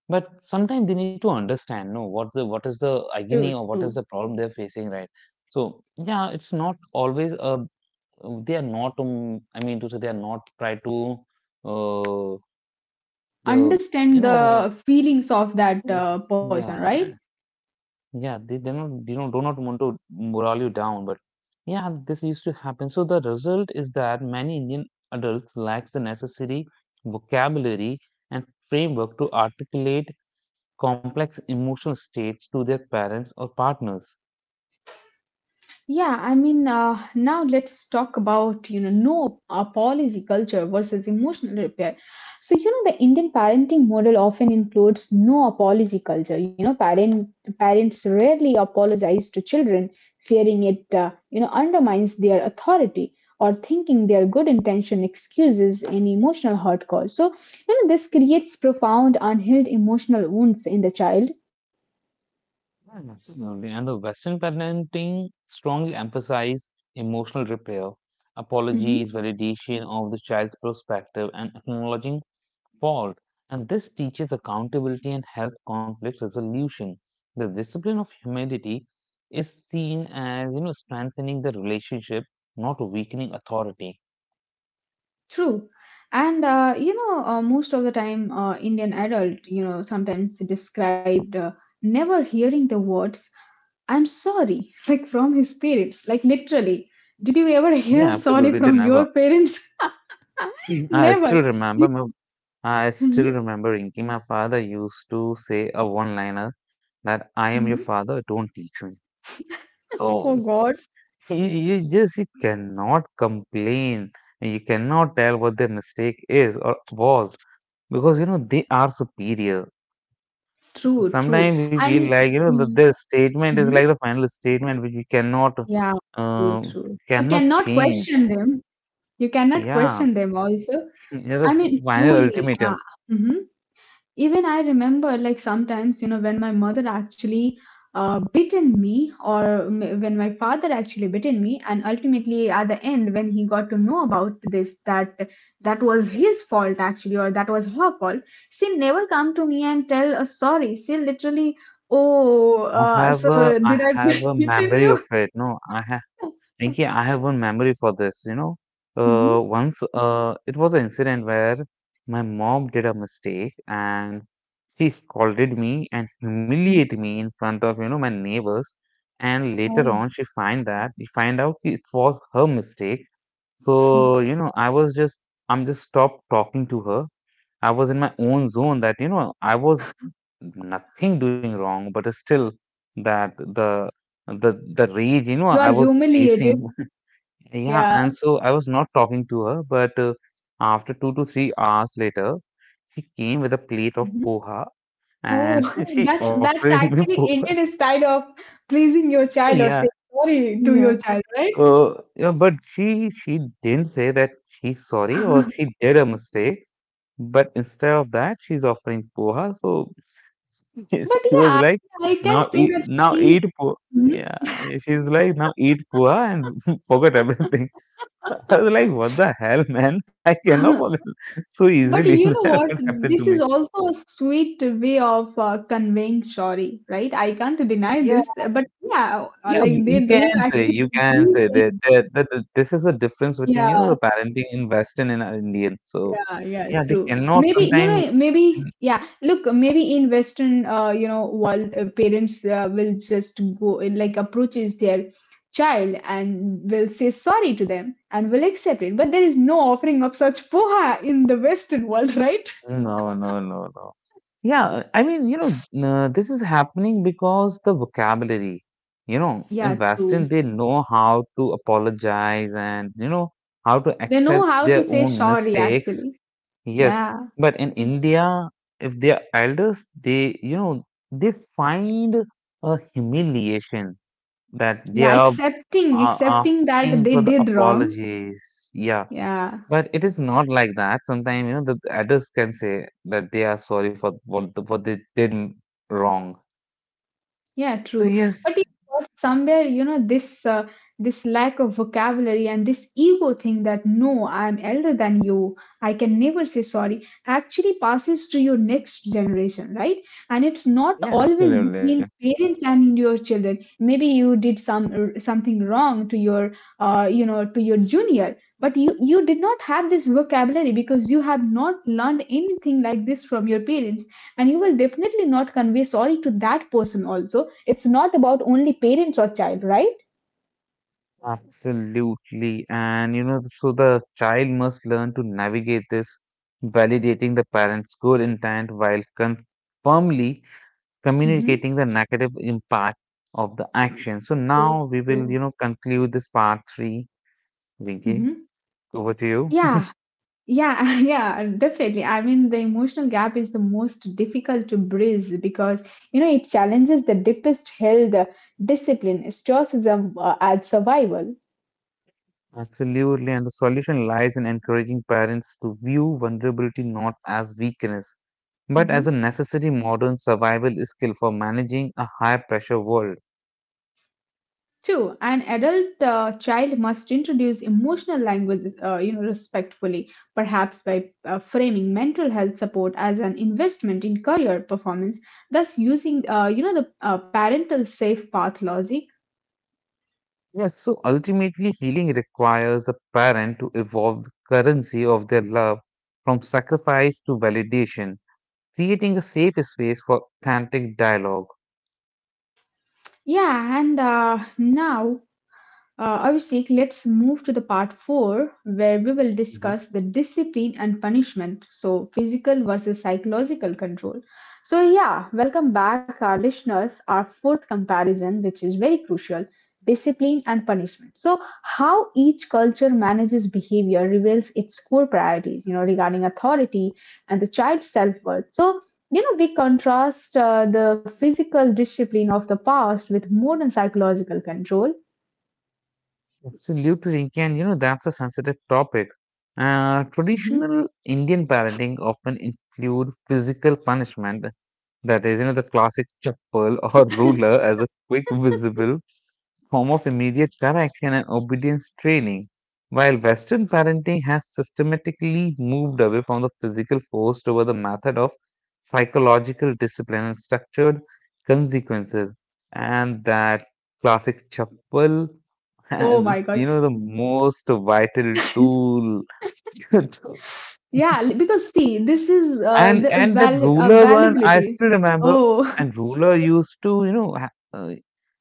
S2: But sometimes they need to understand, no, what the, what is the
S1: True,
S2: agony, or what is
S1: true.
S2: the problem they're facing, right? So yeah, it's not always they are not I mean to say, they are not try to uh, the
S1: Understand
S2: you know,
S1: the
S2: eh,
S1: feelings of that
S2: mm,
S1: person, right?
S2: yeah, yeah, they not, you know, do not want to morale you down, but yeah, this used to happen. So the result is that many Indian adults lacks the necessary vocabulary and framework to articulate complex emotional states to their parents or partners.
S1: Yeah, I mean, now let's talk about you know no apology culture versus emotional repair. So you know the Indian parenting model often includes no apology culture, you know, parents rarely apologize to children, fearing it you know undermines their authority, or thinking their good intention excuses any emotional hurt caused. So you know this creates profound unhealed emotional wounds in the child.
S2: Mm, absolutely. And the Western parenting strongly emphasize emotional repair, apologies, validation of the child's perspective, and acknowledging fault, and this teaches accountability and health conflict resolution. The discipline of humility is seen as, you know, strengthening the relationship, not weakening authority.
S1: True. And most of the time, Indian adult, you know, sometimes described never hearing the words "I'm sorry" like from his parents, like literally. Did you ever hear
S2: Yeah,
S1: "sorry"
S2: absolutely. They
S1: from your
S2: never.
S1: parents?
S2: Mm.
S1: Never.
S2: I still
S1: Hmm.
S2: remember, Inky, my father used to say a one-liner that I am your
S1: Hmm.
S2: father, don't teach me. So
S1: Oh God.
S2: you just, you cannot complain. You cannot tell what the mistake is or was, because, you know, they are superior.
S1: True. True.
S2: Sometimes we feel
S1: And
S2: like, you know,
S1: mm-hmm.
S2: their statement is like the final statement which we cannot
S1: Yeah, true.
S2: um,
S1: True. You
S2: cannot
S1: cannot
S2: change.
S1: question them. You cannot
S2: Yeah,
S1: question them. Also,
S2: yeah,
S1: I
S2: the
S1: mean,
S2: final
S1: truly.
S2: ultimatum.
S1: Mhm. Even I remember, like, sometimes, you know, when my mother actually bitten me, or when my father actually bitten me, and ultimately at the end, when he got to know about this, that that was his fault actually, or that was her fault, she never come to me and tell a sorry. She literally, oh, so
S2: I
S1: did I
S2: have a
S1: bitten
S2: memory of
S1: you?
S2: it. No, I, Pinky, I have one memory for this. You know,
S1: Mhm.
S2: once it was an incident where my mom did a mistake, and she scolded me and humiliated me in front of, you know, my neighbors. And later
S1: Oh.
S2: on, she find that we find out it was her mistake. So you know, I'm just stopped talking to her. I was in my own zone that, you know, I was nothing doing wrong, but still that the the rage, you know,
S1: You
S2: I
S1: are
S2: was
S1: humiliated.
S2: facing. Yeah,
S1: Yeah.
S2: and so I was not talking to her, but after two to three hours later, she came with a plate of
S1: Mm-hmm.
S2: poha,
S1: Oh,
S2: and she
S1: that's
S2: offering me
S1: actually
S2: poha.
S1: Indian style of pleasing your child or
S2: Yeah,
S1: saying sorry to
S2: yeah.
S1: your child, right?
S2: So yeah, but she didn't say that she's sorry or she did a mistake, but instead of that, she's offering poha. So
S1: But
S2: she was
S1: yeah,
S2: like,
S1: I can say that
S2: now
S1: she.
S2: eat poha.
S1: Mhm.
S2: Yeah, yeah, she's like, now eat poha and forget everything. So I was like, "What the hell, man? I cannot fall in love so easily."
S1: But you know
S2: That what
S1: what?
S2: happened to
S1: This
S2: me.
S1: is also a sweet way of conveying sorry, right? I can't deny
S2: Yeah,
S1: this, but yeah,
S2: yeah,
S1: like
S2: you
S1: they
S2: can
S1: don't
S2: say,
S1: actually
S2: you can
S1: mean
S2: say
S1: saying,
S2: that this is the difference between, you know,
S1: yeah.
S2: the parenting in Western and our Indian. So
S1: Yeah, yeah,
S2: yeah, they
S1: true.
S2: cannot
S1: Maybe,
S2: sometimes.
S1: maybe, yeah, look, maybe in Western, world, parents will just go, like, approaches their child and will say sorry to them and will accept it. But there is no offering of such poha in the Western world, right?
S2: No, no, no, no. Yeah, I mean, you know, n this is happening because the vocabulary, you know, in
S1: Yeah, true.
S2: Western, they know how to apologize and, you know, how to
S1: They know
S2: accept
S1: how to
S2: their
S1: say
S2: own
S1: sorry,
S2: mistakes.
S1: actually.
S2: Yes,
S1: Yeah,
S2: but in India, if they are elders, they, you know, they find a humiliation that they
S1: yeah,
S2: are
S1: accepting, accepting that
S2: asking
S1: they
S2: for the
S1: did wrong.
S2: apologies. Yeah,
S1: Yeah.
S2: but it is not like that. Sometimes, you know, the elders can say that they are sorry for what, what they did wrong.
S1: Yeah,
S2: So
S1: true.
S2: yes,
S1: But you know what, somewhere, this lack of vocabulary and this ego thing that no, I'm elder than you, I can never say sorry, actually passes to your next generation, right? And it's not
S2: yeah,
S1: always
S2: absolutely.
S1: between parents and your children. Maybe you did something wrong to your junior, but you did not have this vocabulary because you have not learned anything like this from your parents, and you will definitely not convey sorry to that person also. It's not about only parents or child, right?
S2: Absolutely. And you know, so the child must learn to navigate this, validating the parent's goal intent while confirmly
S1: Mm-hmm.
S2: communicating the negative impact of the action. So
S1: True.
S2: now we will,
S1: True.
S2: you know, conclude this part 3. Vinky,
S1: Mm-hmm.
S2: over to
S1: Yeah.
S2: you.
S1: Yeah. Yeah. Definitely. I mean, the emotional gap is the most difficult to bridge because you know it challenges the deepest held discipline, stoicism, and survival.
S2: Absolutely. And the solution lies in encouraging parents to view vulnerability not as weakness, but as a
S1: Mm-hmm.
S2: necessary modern survival skill for managing a high pressure world.
S1: Two, an adult child must introduce emotional language, respectfully, perhaps by framing mental health support as an investment in career performance, thus using, the parental safe path logic.
S2: Yes, so ultimately, healing requires the parent to evolve the currency of their love from sacrifice to validation, creating a safe space for authentic dialogue.
S1: Yeah, and now Abhishek, let's move to the part 4 where we will
S2: Hmm.
S1: discuss the discipline and punishment. So, physical versus psychological control. So, yeah, welcome back, our listeners. Our fourth comparison, which is very crucial discipline and punishment. So, how each culture manages behavior reveals its core priorities, you know, regarding authority and the child's self worth. So, you know, we contrast the physical discipline of the past with modern psychological control.
S2: Absolutely, Rinki, and you know that's a sensitive topic.
S1: Mm-hmm.
S2: Traditional Indian parenting often include physical punishment, that is, you know, the classic chappal or ruler as a quick visible form of immediate correction and obedience training, while Western parenting has systematically moved away from the physical force toward the method of psychological discipline and structured consequences. And that classic chappal
S1: Oh my
S2: is,
S1: God.
S2: you know, the most vital tool to,
S1: Yeah, because see, this is
S2: and
S1: the
S2: and that
S1: val
S2: ruler one, I
S1: availability.
S2: still remember.
S1: Oh.
S2: And ruler used to, you know,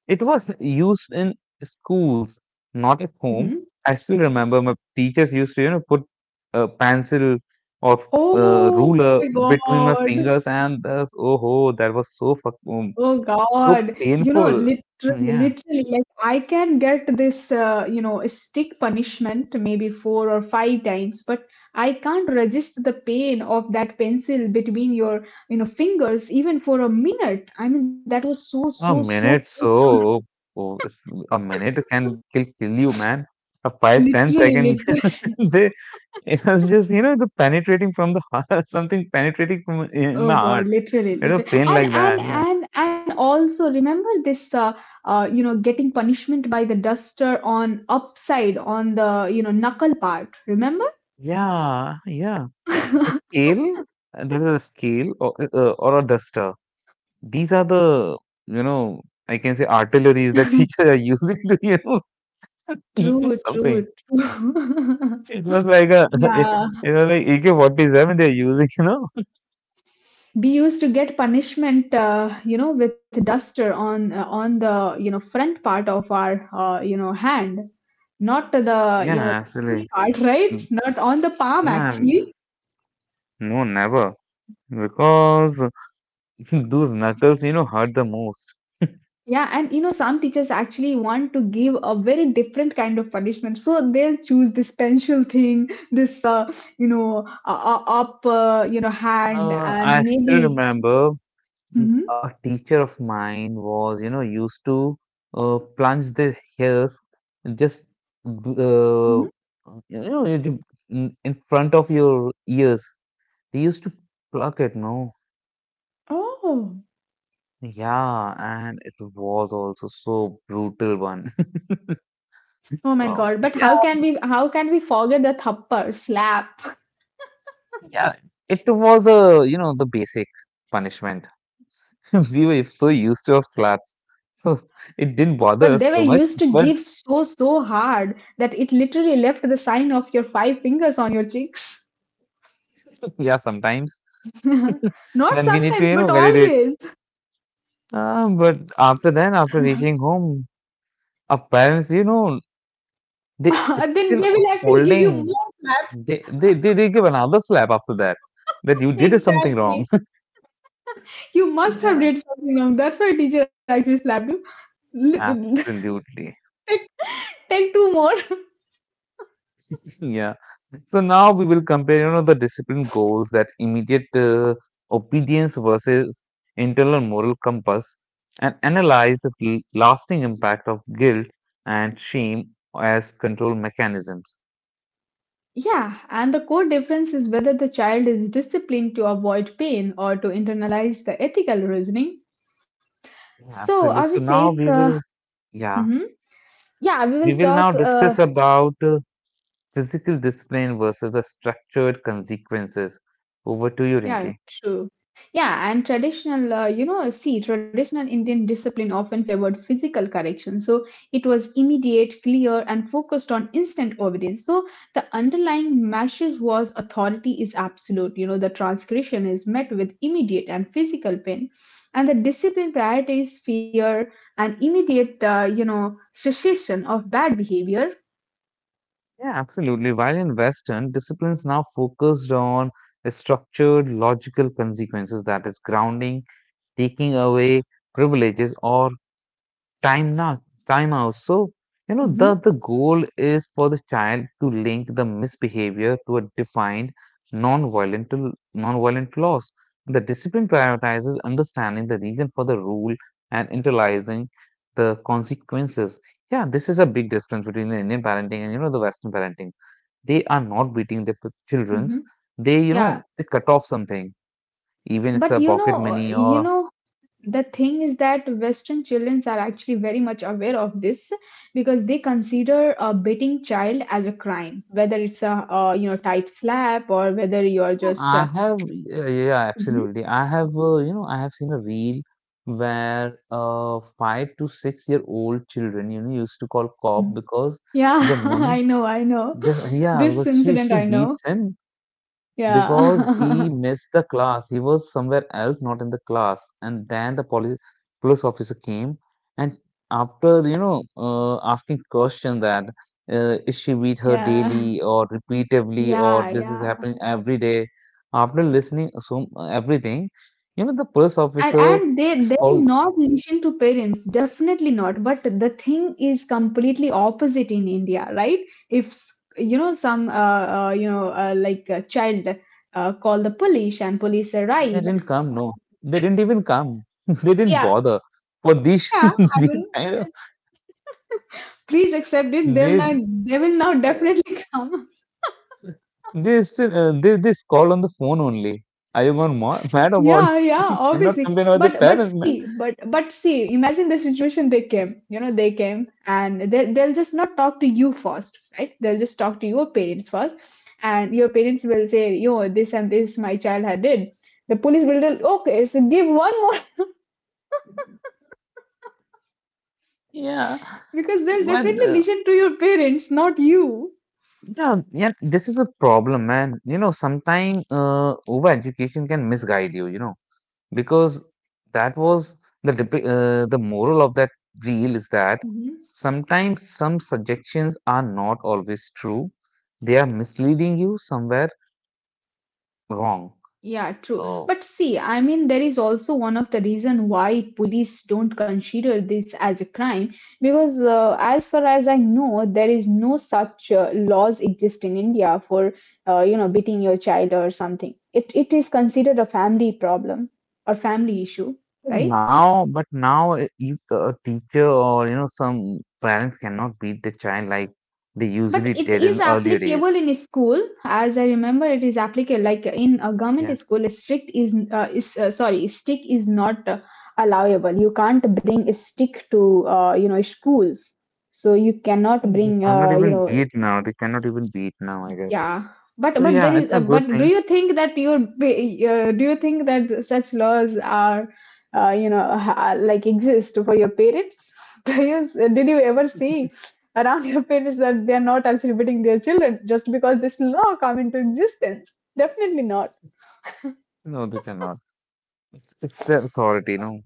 S2: it was used in schools, not at home.
S1: Mhm.
S2: I still remember my teachers used to, you know, put a pencil or
S1: Oh
S2: ruler
S1: my
S2: between my
S1: God.
S2: fingers, and thus, oh ho, that was so fuck,
S1: Oh God.
S2: so
S1: You know,
S2: painful.
S1: literally,
S2: Yeah,
S1: literally, like I can get this, stick punishment maybe 4 or 5 times, but I can't resist the pain of that pencil between your, you know, fingers even for a minute. I mean, that was so, so,
S2: a
S1: so.
S2: minute, so oh, a minute can kill you, man. A five ten
S1: Literally,
S2: second,
S1: literally.
S2: they it was just, the penetrating from the heart, something penetrating from in
S1: Oh
S2: my
S1: God,
S2: heart.
S1: literally,
S2: It was
S1: literally,
S2: pain
S1: and
S2: like
S1: and
S2: that. Yeah.
S1: and and also remember this, getting punishment by the duster on upside on the you know knuckle part. Remember?
S2: Yeah. Yeah. A scale, there is a scale or, or a duster. These are the, you know, I can say artilleries that teachers are using to, teach
S1: True,
S2: us
S1: true,
S2: something.
S1: true.
S2: It was like a, it,
S1: Yeah,
S2: it was like AK-47 they're using, you know.
S1: we used to get punishment, with duster on the you know front part of our hand, not the
S2: Yeah,
S1: you know
S2: absolutely.
S1: part, right?
S2: Mm,
S1: Not on the palm
S2: yeah,
S1: actually.
S2: no, never. Because those knuckles, you know, hurt the most.
S1: Yeah, and you know, some teachers actually want to give a very different kind of punishment. So they'll choose this pencil thing, this hand, and
S2: I still
S1: maybe.
S2: remember
S1: Hmm.
S2: a teacher of mine was, you know, used to plunge the hairs and just
S1: Hmm.
S2: uh, you know you in front of your ears. They used to pluck it, no?
S1: Oh,
S2: Yeah, and it was also so brutal one.
S1: oh my
S2: Oh,
S1: God. But
S2: yeah,
S1: how can we forget the thappar, slap?
S2: yeah. It was a, you know, the basic punishment. We were so used to of slaps, so it didn't
S1: But they
S2: bother
S1: were
S2: us so
S1: used
S2: much.
S1: to give
S2: But
S1: so, so hard that it literally left the sign of your five fingers on your cheeks.
S2: yeah, sometimes.
S1: Not
S2: Then we need to,
S1: sometimes,
S2: you
S1: but
S2: know, validate.
S1: always.
S2: But after that, after reaching home, our parents, you know, they
S1: Then
S2: still
S1: they will actually give you
S2: scolding.
S1: more slap.
S2: They give another slap after that. That you did something
S1: Exactly.
S2: wrong.
S1: You must have
S2: Yeah.
S1: did something wrong. That's why teacher actually slapped you.
S2: Absolutely.
S1: Take take two more.
S2: Yeah. So now we will compare, you know, the discipline goals that immediate obedience versus internal moral compass and analyze the lasting impact of guilt and shame as control mechanisms.
S1: Yeah, and the core difference is whether the child is disciplined to avoid pain or to internalize the ethical reasoning.
S2: Yeah,
S1: So,
S2: absolutely. So
S1: Abhishek,
S2: now we
S1: uh,
S2: will, yeah,
S1: Mhm. yeah, we
S2: we
S1: will
S2: will
S1: talk
S2: now discuss about physical discipline versus the structured consequences. Over to you, Rinki.
S1: Yeah, true. Yeah, and traditional, you know, see, traditional Indian discipline often favored physical correction. So it was immediate, clear, and focused on instant obedience. So the underlying message was authority is absolute. You know, the transgression is met with immediate and physical pain. And the discipline prioritizes fear and immediate, cessation of bad behavior.
S2: Yeah, absolutely. While in Western, discipline's now focused on the structured, logical consequences that is grounding, taking away privileges or time not time out. So, you know,
S1: Mm-hmm,
S2: the goal is for the child to link the misbehavior to a defined non-violent loss. The discipline prioritizes understanding the reason for the rule and internalizing the consequences. Yeah, this is a big difference between the Indian parenting and, you know, the Western parenting. They are not beating their children's.
S1: mm-hmm.
S2: They, you
S1: Yeah,
S2: know, they cut off something, even it's
S1: but
S2: a
S1: you
S2: pocket
S1: know,
S2: money
S1: you
S2: or.
S1: know the thing is that western children are actually very much aware of this because they consider a beating child as a crime, whether it's a tight slap or whether you're
S2: Yeah,
S1: just
S2: I have, yeah, yeah,
S1: Mhm.
S2: absolutely, I have, you know, I have seen a reel where 5 to 6 year old children, you know, used to call cop because
S1: Yeah.
S2: their mum.
S1: I know, I
S2: This,
S1: know,
S2: yeah, because
S1: this
S2: she
S1: incident I
S2: beats
S1: know.
S2: him. Because he
S1: Yeah.
S2: missed the class. He was somewhere else, not in the class. And then the police officer came and after, you know, asking question that is she beat her
S1: Yeah,
S2: daily or repeatedly or
S1: yeah,
S2: this is
S1: yeah.
S2: happening every day. After listening so everything, you know, the police
S1: and
S2: officer
S1: and they
S2: is
S1: they'll
S2: called.
S1: not listen to parents, definitely not. But the thing is completely opposite in India, right? If you know, some like a child call the police and police
S2: They
S1: arrive.
S2: didn't come. No, they didn't even come. They didn't
S1: Yeah,
S2: bother for these
S1: yeah, I
S2: these
S1: mean,
S2: kind of
S1: please accept it,
S2: they.
S1: they will not definitely come.
S2: They still they call on the phone only. Are you gone ma mad about?
S1: Yeah, yeah,
S2: You cannot
S1: obviously.
S2: complain about the
S1: But but
S2: parents, man.
S1: see, but but see, imagine the situation they came. You know, they came and they'll just not talk to you first, right? They'll just talk to your parents first, and your parents will say, "Yo, this and this my child had did." The police will tell, "Okay, so give one more,"
S2: Yeah,
S1: because they'll
S2: but
S1: definitely
S2: uh,
S1: listen to your parents, not you.
S2: yeah, yeah, this is a problem, man. You know, sometimes over education can misguide you. You know, because that was the the moral of that reel is that sometimes some suggestions are not always true. They are misleading you somewhere wrong.
S1: Yeah, true.
S2: So
S1: But see, I mean, there is also one of the reason why police don't consider this as a crime because, as far as I know, there is no such laws exist in India for, beating your child or something. It is considered a family problem or family issue, right?
S2: now, but now you a teacher or you know some parents cannot beat the child like they
S1: But
S2: usually
S1: it
S2: did
S1: is
S2: in earlier days.
S1: applicable in a school, as I remember, it is applicable like in a government
S2: Yeah,
S1: school. A strict is sorry, stick is not allowable. You can't bring a stick to schools, so you cannot
S2: and they
S1: bring
S2: cannot even beat now. They cannot even beat now, I guess.
S1: Yeah,
S2: So
S1: but there
S2: yeah,
S1: is.
S2: it's a good
S1: But do
S2: thing.
S1: you think that you do you think that such laws are like exist for your parents? Do you did you ever see around your parents that they are not actually beating their children just because this law come into existence? Definitely not.
S2: No, they cannot. It's their authority, you know.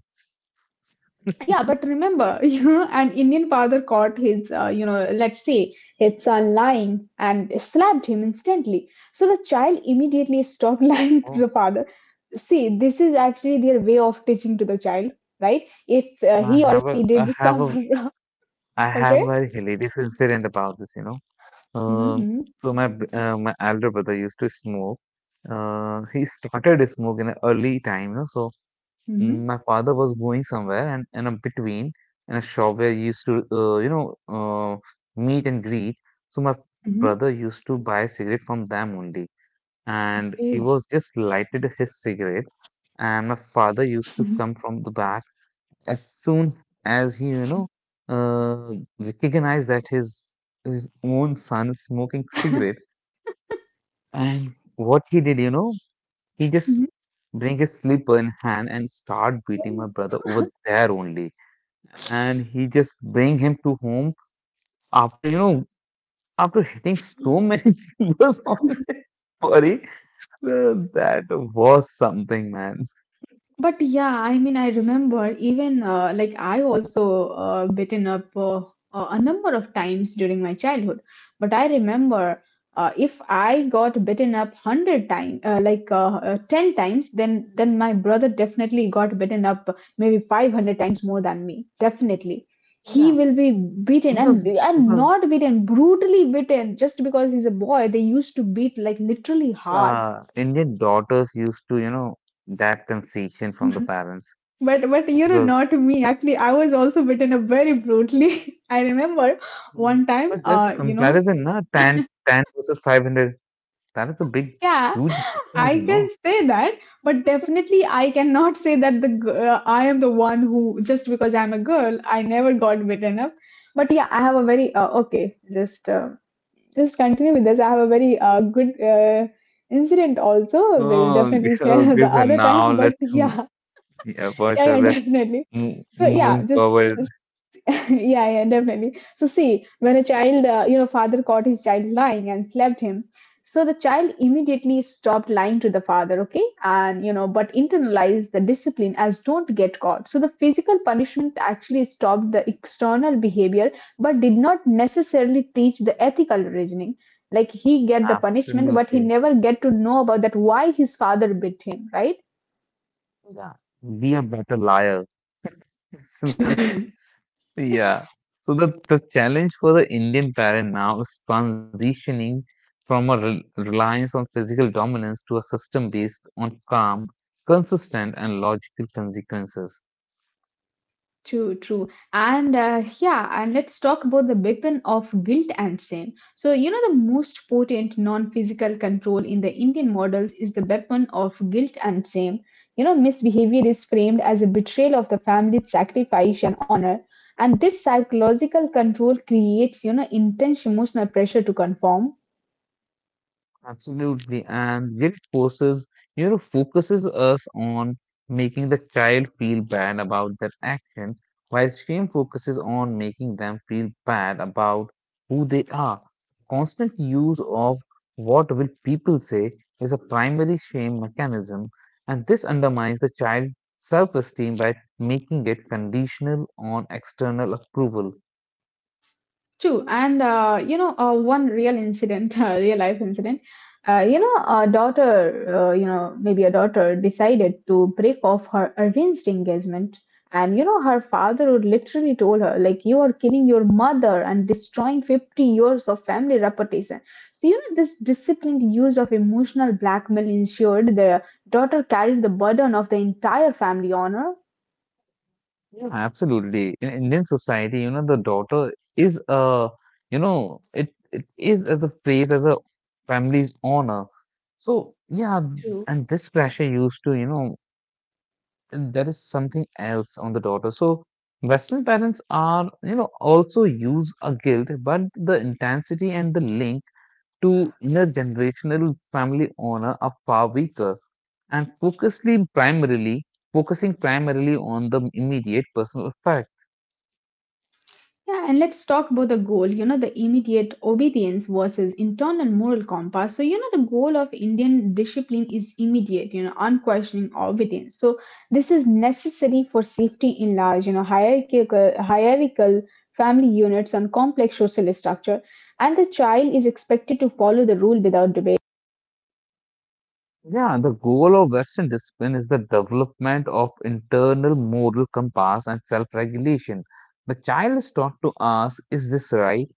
S1: Yeah, but remember, you know, an Indian father caught his, you know, let's say his son lying and slapped him instantly. So the child immediately stopped lying to
S2: Oh,
S1: the father. See, this is actually their way of teaching to the child, right? If
S2: I
S1: he or
S2: have a
S1: she
S2: I
S1: did
S2: have
S1: stuff,
S2: a I have
S1: okay?
S2: a very hilarious incident about this, you know. Um,
S1: Mm-hmm,
S2: so my my elder brother used to smoke. He
S1: mm-hmm. Oh,
S2: started smoking early time, you know. So mm,
S1: mm-hmm,
S2: my father was going somewhere, and in a between, in a shop where he used to, meet and greet. So my
S1: mm-hmm.
S2: brother used to buy a cigarette from them only, and
S1: Okay.
S2: he was just lighted his cigarette. And my father used to come from the back as soon as he, you know, uh, recognized that his own son is smoking cigarette. And what he did, you know, he just bring his slipper in hand and start beating
S1: Mm-hmm.
S2: my brother over there only, and he just bring him to home after, you know, after hitting so many singers on his body. So that was something, man.
S1: But yeah, I mean, I remember, even like I also bitten up a number of times during my childhood. But I remember if I got bitten up 100 times, like 10 times, then my brother definitely got bitten up maybe 500 times more than me. Definitely,
S2: Yeah.
S1: he will be beaten, and
S2: Because
S1: and
S2: because
S1: not beaten, brutally beaten, just because he's a boy. They used to beat, like, literally hard.
S2: uh, Indian daughters used to, you know, that concession from the parents
S1: But you know,
S2: because.
S1: not me. Actually, I was also beaten up very brutally. I remember
S2: Mm.
S1: one
S2: But
S1: time,
S2: there's a comparison, na? 10, 10 versus 500. That is a big,
S1: yeah,
S2: huge difference,
S1: I
S2: you
S1: can
S2: know.
S1: say that, but definitely I cannot say that I am the one who just because I'm a girl, I never got beaten up. But yeah, I have a very okay. Just continue with this. I have a very good incident also. We'll
S2: Oh,
S1: definitely share
S2: okay,
S1: the
S2: so
S1: other
S2: now
S1: time. But yeah,
S2: yeah, for
S1: yeah,
S2: sure,
S1: yeah,
S2: let's
S1: definitely. So
S2: moving
S1: yeah, just
S2: forward.
S1: yeah, yeah, definitely. So see, when a father caught his child lying and slapped him. So the child immediately stopped lying to the father, okay? And, you know, but internalized the discipline as don't get caught. So the physical punishment actually stopped the external behavior, but did not necessarily teach the ethical reasoning. Like, he get the punishment, but he
S2: Absolutely.
S1: never get to know about that why his father beat him, right?
S2: Yeah. Be a better liar. Simply. Yeah. So the challenge for the Indian parent now is transitioning from a reliance on physical dominance to a system based on calm, consistent, and logical consequences.
S1: True, true. And let's talk about the weapon of guilt and sin. So, you know, the most potent non physical control in the Indian models is the weapon of guilt and sin. You know, misbehavior is framed as a betrayal of the family's sacrifice and honor. And this psychological control creates, you know, intense emotional pressure to conform.
S2: Absolutely. And guilt forces, you know, focuses us on making the child feel bad about their action, while shame focuses on making them feel bad about who they are. Constant use of what will people say is a primary shame mechanism, and this undermines the child's self-esteem by making it conditional on external approval.
S1: True, and one real incident, real life incident. A daughter decided to break off her arranged engagement, and you know, her father would literally told her, like, you are killing your mother and destroying 50 years of family reputation. So, you know, this disciplined use of emotional blackmail ensured the daughter carried the burden of the entire family honor.
S2: Yeah, absolutely. In Indian society, you know, the daughter is a, you know, it is as a phrase as a family's honor. So yeah, and this pressure used to, you know, there is something else on the daughter. So Western parents are, you know, also use a guilt, but the intensity and the link to intergenerational family honor are far weaker and focusly primarily focusing primarily on the immediate personal effect.
S1: Yeah, and let's talk about the goal, you know, the immediate obedience versus internal moral compass. So, you know, the goal of Indian discipline is immediate, you know, unquestioning obedience. So, this is necessary for safety in large, you know, hierarchical family units and complex social structure. And the child is expected to follow the rule without debate.
S2: Yeah, the goal of Western discipline is the development of internal moral compass and self-regulation. The child is taught to ask, is this right?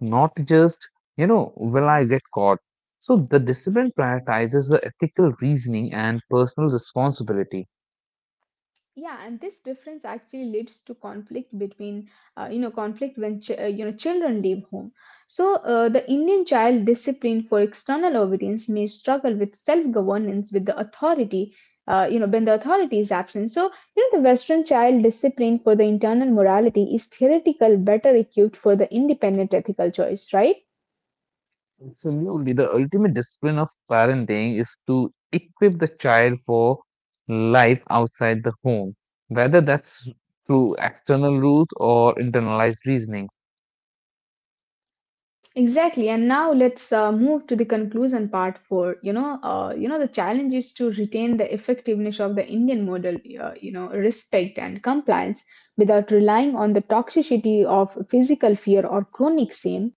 S2: Not just, you know, will I
S1: Mhm.
S2: get caught? So the discipline prioritizes the ethical reasoning and personal responsibility.
S1: Yeah, and this difference actually leads to conflict between conflict when children leave home. The indian child discipline for external obedience may struggle with self governance with the authority when the authority is absent. The western child discipline for the internal morality is theoretical better equipped for the independent ethical choice, right?
S2: Absolutely, the ultimate discipline of parenting is to equip the child for life outside the home, whether that's through external rules or internalized reasoning.
S1: Exactly. And now let's move to the conclusion part. For you know The challenge is to retain the effectiveness of the Indian model. Respect and compliance without relying on the toxicity of physical fear or chronic shame.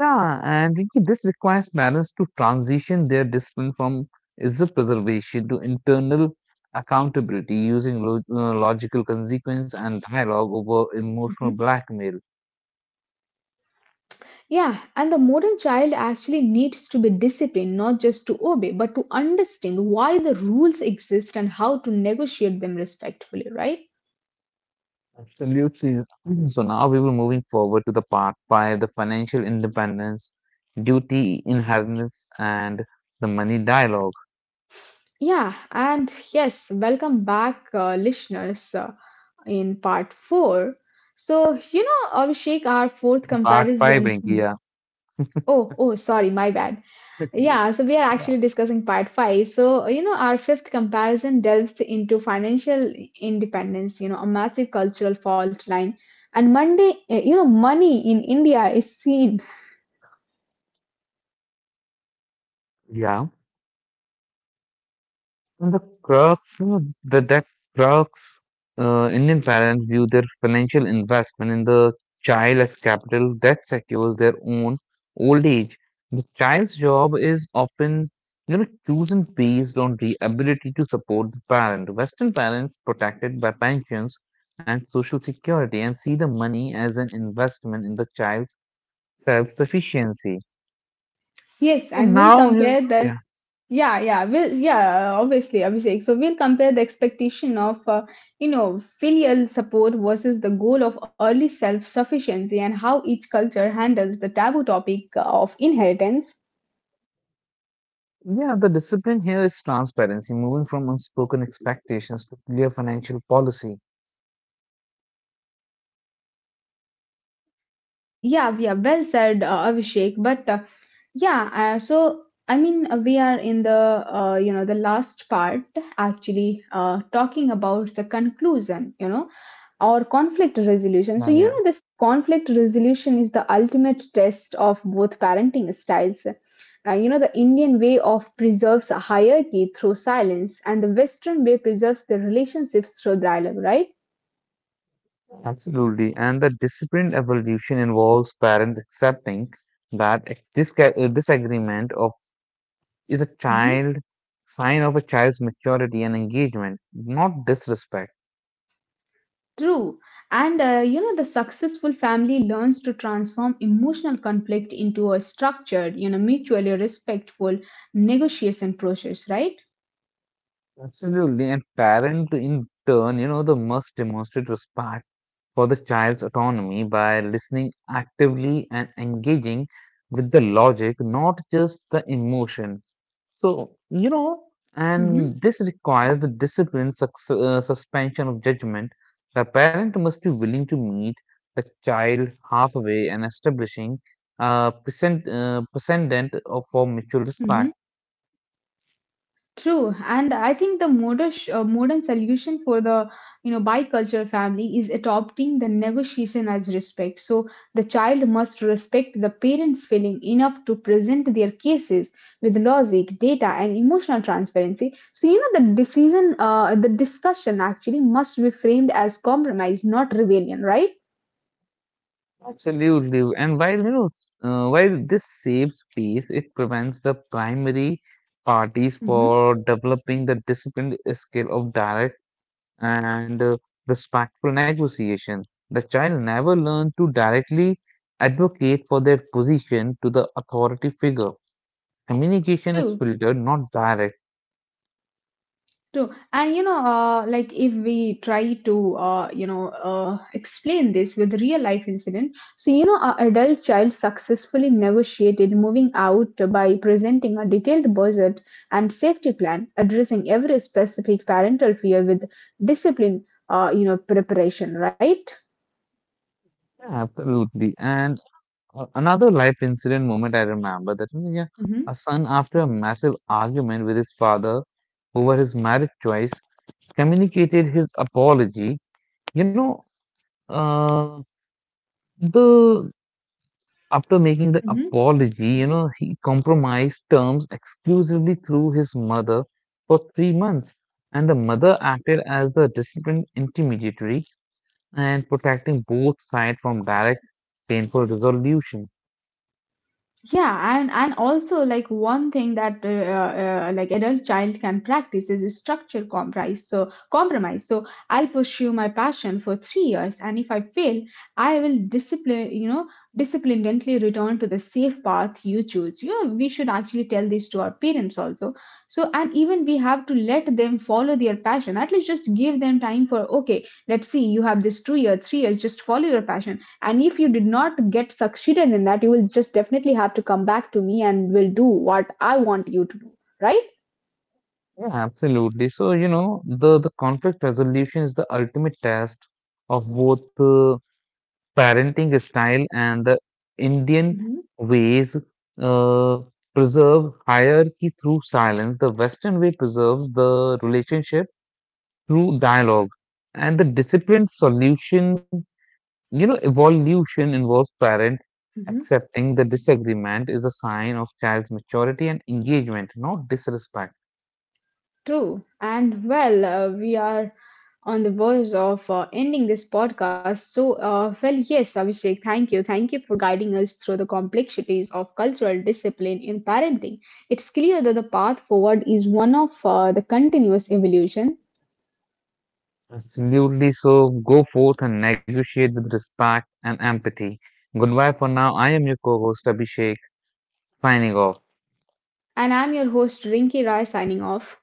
S2: Yeah, and Rinki, this requires parents to transition their discipline from is the preservation to internal accountability using logical consequence and dialogue over emotional
S1: Mhm.
S2: blackmail.
S1: Yeah, and the modern child actually needs to be disciplined, not just to obey, but to understand why the rules exist and how to negotiate them respectfully. Right?
S2: Absolutely. Mhm. So now we will moving forward to the part five, the financial independence, duty inheritance, and the money dialogue.
S1: Yeah, and yes, welcome back, listeners, in part four. So, Abhishek, our fourth
S2: Part five,
S1: comparison.
S2: Rinki.
S1: Hmm.
S2: Yeah.
S1: Oh, oh, sorry, my bad.
S2: Yeah.
S1: Yeah, so we are actually discussing part five. So, our fifth comparison delves into financial independence, you know, a massive cultural fault line. And Monday, money in India is seen.
S2: Yeah. And the crux, mm, that that crux, Indian parents view their financial investment in the child as capital that secures their own old age. The child's job is often, you know, chosen based on the ability to support the parent. Western parents protected by pensions and social security and see the money as an investment in the child's self-sufficiency.
S1: Yes,
S2: So
S1: and we'll
S2: now,
S1: compare the—
S2: yeah.
S1: Yeah, yeah, well, yeah, obviously, Abhishek. So we'll compare the expectation of, filial support versus the goal of early self-sufficiency and how each culture handles the taboo topic of inheritance.
S2: Yeah, the discipline here is transparency, moving from unspoken expectations to clear financial policy.
S1: Yeah, yeah, well said, Abhishek. But yeah, so I mean, we are in the, the last part actually talking about the conclusion, you know, or conflict resolution.
S2: Yeah,
S1: So, you
S2: yeah,
S1: know, this conflict resolution is the ultimate test of both parenting styles. The Indian way of preserves a hierarchy through silence, and the Western way preserves the relationships through dialogue, right?
S2: absolutely. And the disciplined evolution involves parents accepting that a a disagreement of is a
S1: Hmm.
S2: child sign of a child's maturity and engagement, not disrespect.
S1: True. And the successful family learns to transform emotional conflict into a structured, you know, mutually respectful negotiation process, right?
S2: Absolutely. And parent in turn, you know, the must demonstrate respect for the child's autonomy by listening actively and engaging with the logic, not just the emotion. So, you know,
S1: Hmm.
S2: and this requires the discipline, suspension of judgment. The parent must be willing to meet the child halfway and establishing a precedent for mutual
S1: Hmm.
S2: respect.
S1: True, and I think the modern solution for the, you know, bicultural family is adopting the negotiation as respect. So the child must respect the parents' feeling enough to present their cases with logic, data, and emotional transparency. So you know the the discussion actually must be framed as compromise, not rebellion, right?
S2: Absolutely. And while you know, while this saves space, it prevents the primary parties
S1: Hmm.
S2: for developing the disciplined skill of direct and respectful negotiation. The child never learned to directly advocate for their position to the authority figure. Communication is
S1: True.
S2: filtered, not direct.
S1: True. And you know, like if we try to, explain this with real life incident, so you know, a adult child successfully negotiated moving out by presenting a detailed budget and safety plan, addressing every specific parental fear with discipline, preparation, right?
S2: Absolutely. And Another life incident moment I remember that you
S1: Mm-hmm.
S2: a son, after a massive argument with his father over his marriage choice, communicated his apology. You know, uh, the after making the apology, you know, he compromised terms exclusively through his mother for 3 months, and the mother acted as the disciplined intermediary and protecting both sides from direct painful resolution.
S1: Yeah, and also like one thing that like adult child can practice is a structure compromise. So compromise. So I'll pursue my passion for 3 years, and if I fail, I will discipline. You know, disciplinedly return to the safe path you choose. You know, we should actually tell this to our parents also. So and even we have to let them follow their passion. At least just give them time for okay. Let's see. You have this 2 years, 3 years. Just follow your passion, and if you did not get succeeded in that, you will just definitely have to come back to me and will do what I want you to do, right?
S2: Yeah, absolutely. So, you know, the conflict resolution is the ultimate test of both parenting style and the Indian
S1: Mm-hmm.
S2: ways uh, preserve hierarchy through silence. The Western way preserves the relationship through dialogue. And the disciplined solution, you know, evolution involves parent
S1: Mm-hmm.
S2: accepting the disagreement is a sign of child's maturity and engagement, not disrespect.
S1: True. And well, we are on the verge of ending this podcast. So, well, yes, Abhishek, thank you. Thank you for guiding us through the complexities of cultural discipline in parenting. It's clear that the path forward is one of the continuous evolution.
S2: Absolutely. So go forth and negotiate with respect and empathy. Goodbye for now. I am your co host, Abhishek, signing off.
S1: And I'm your host, Rinki Rai, signing off.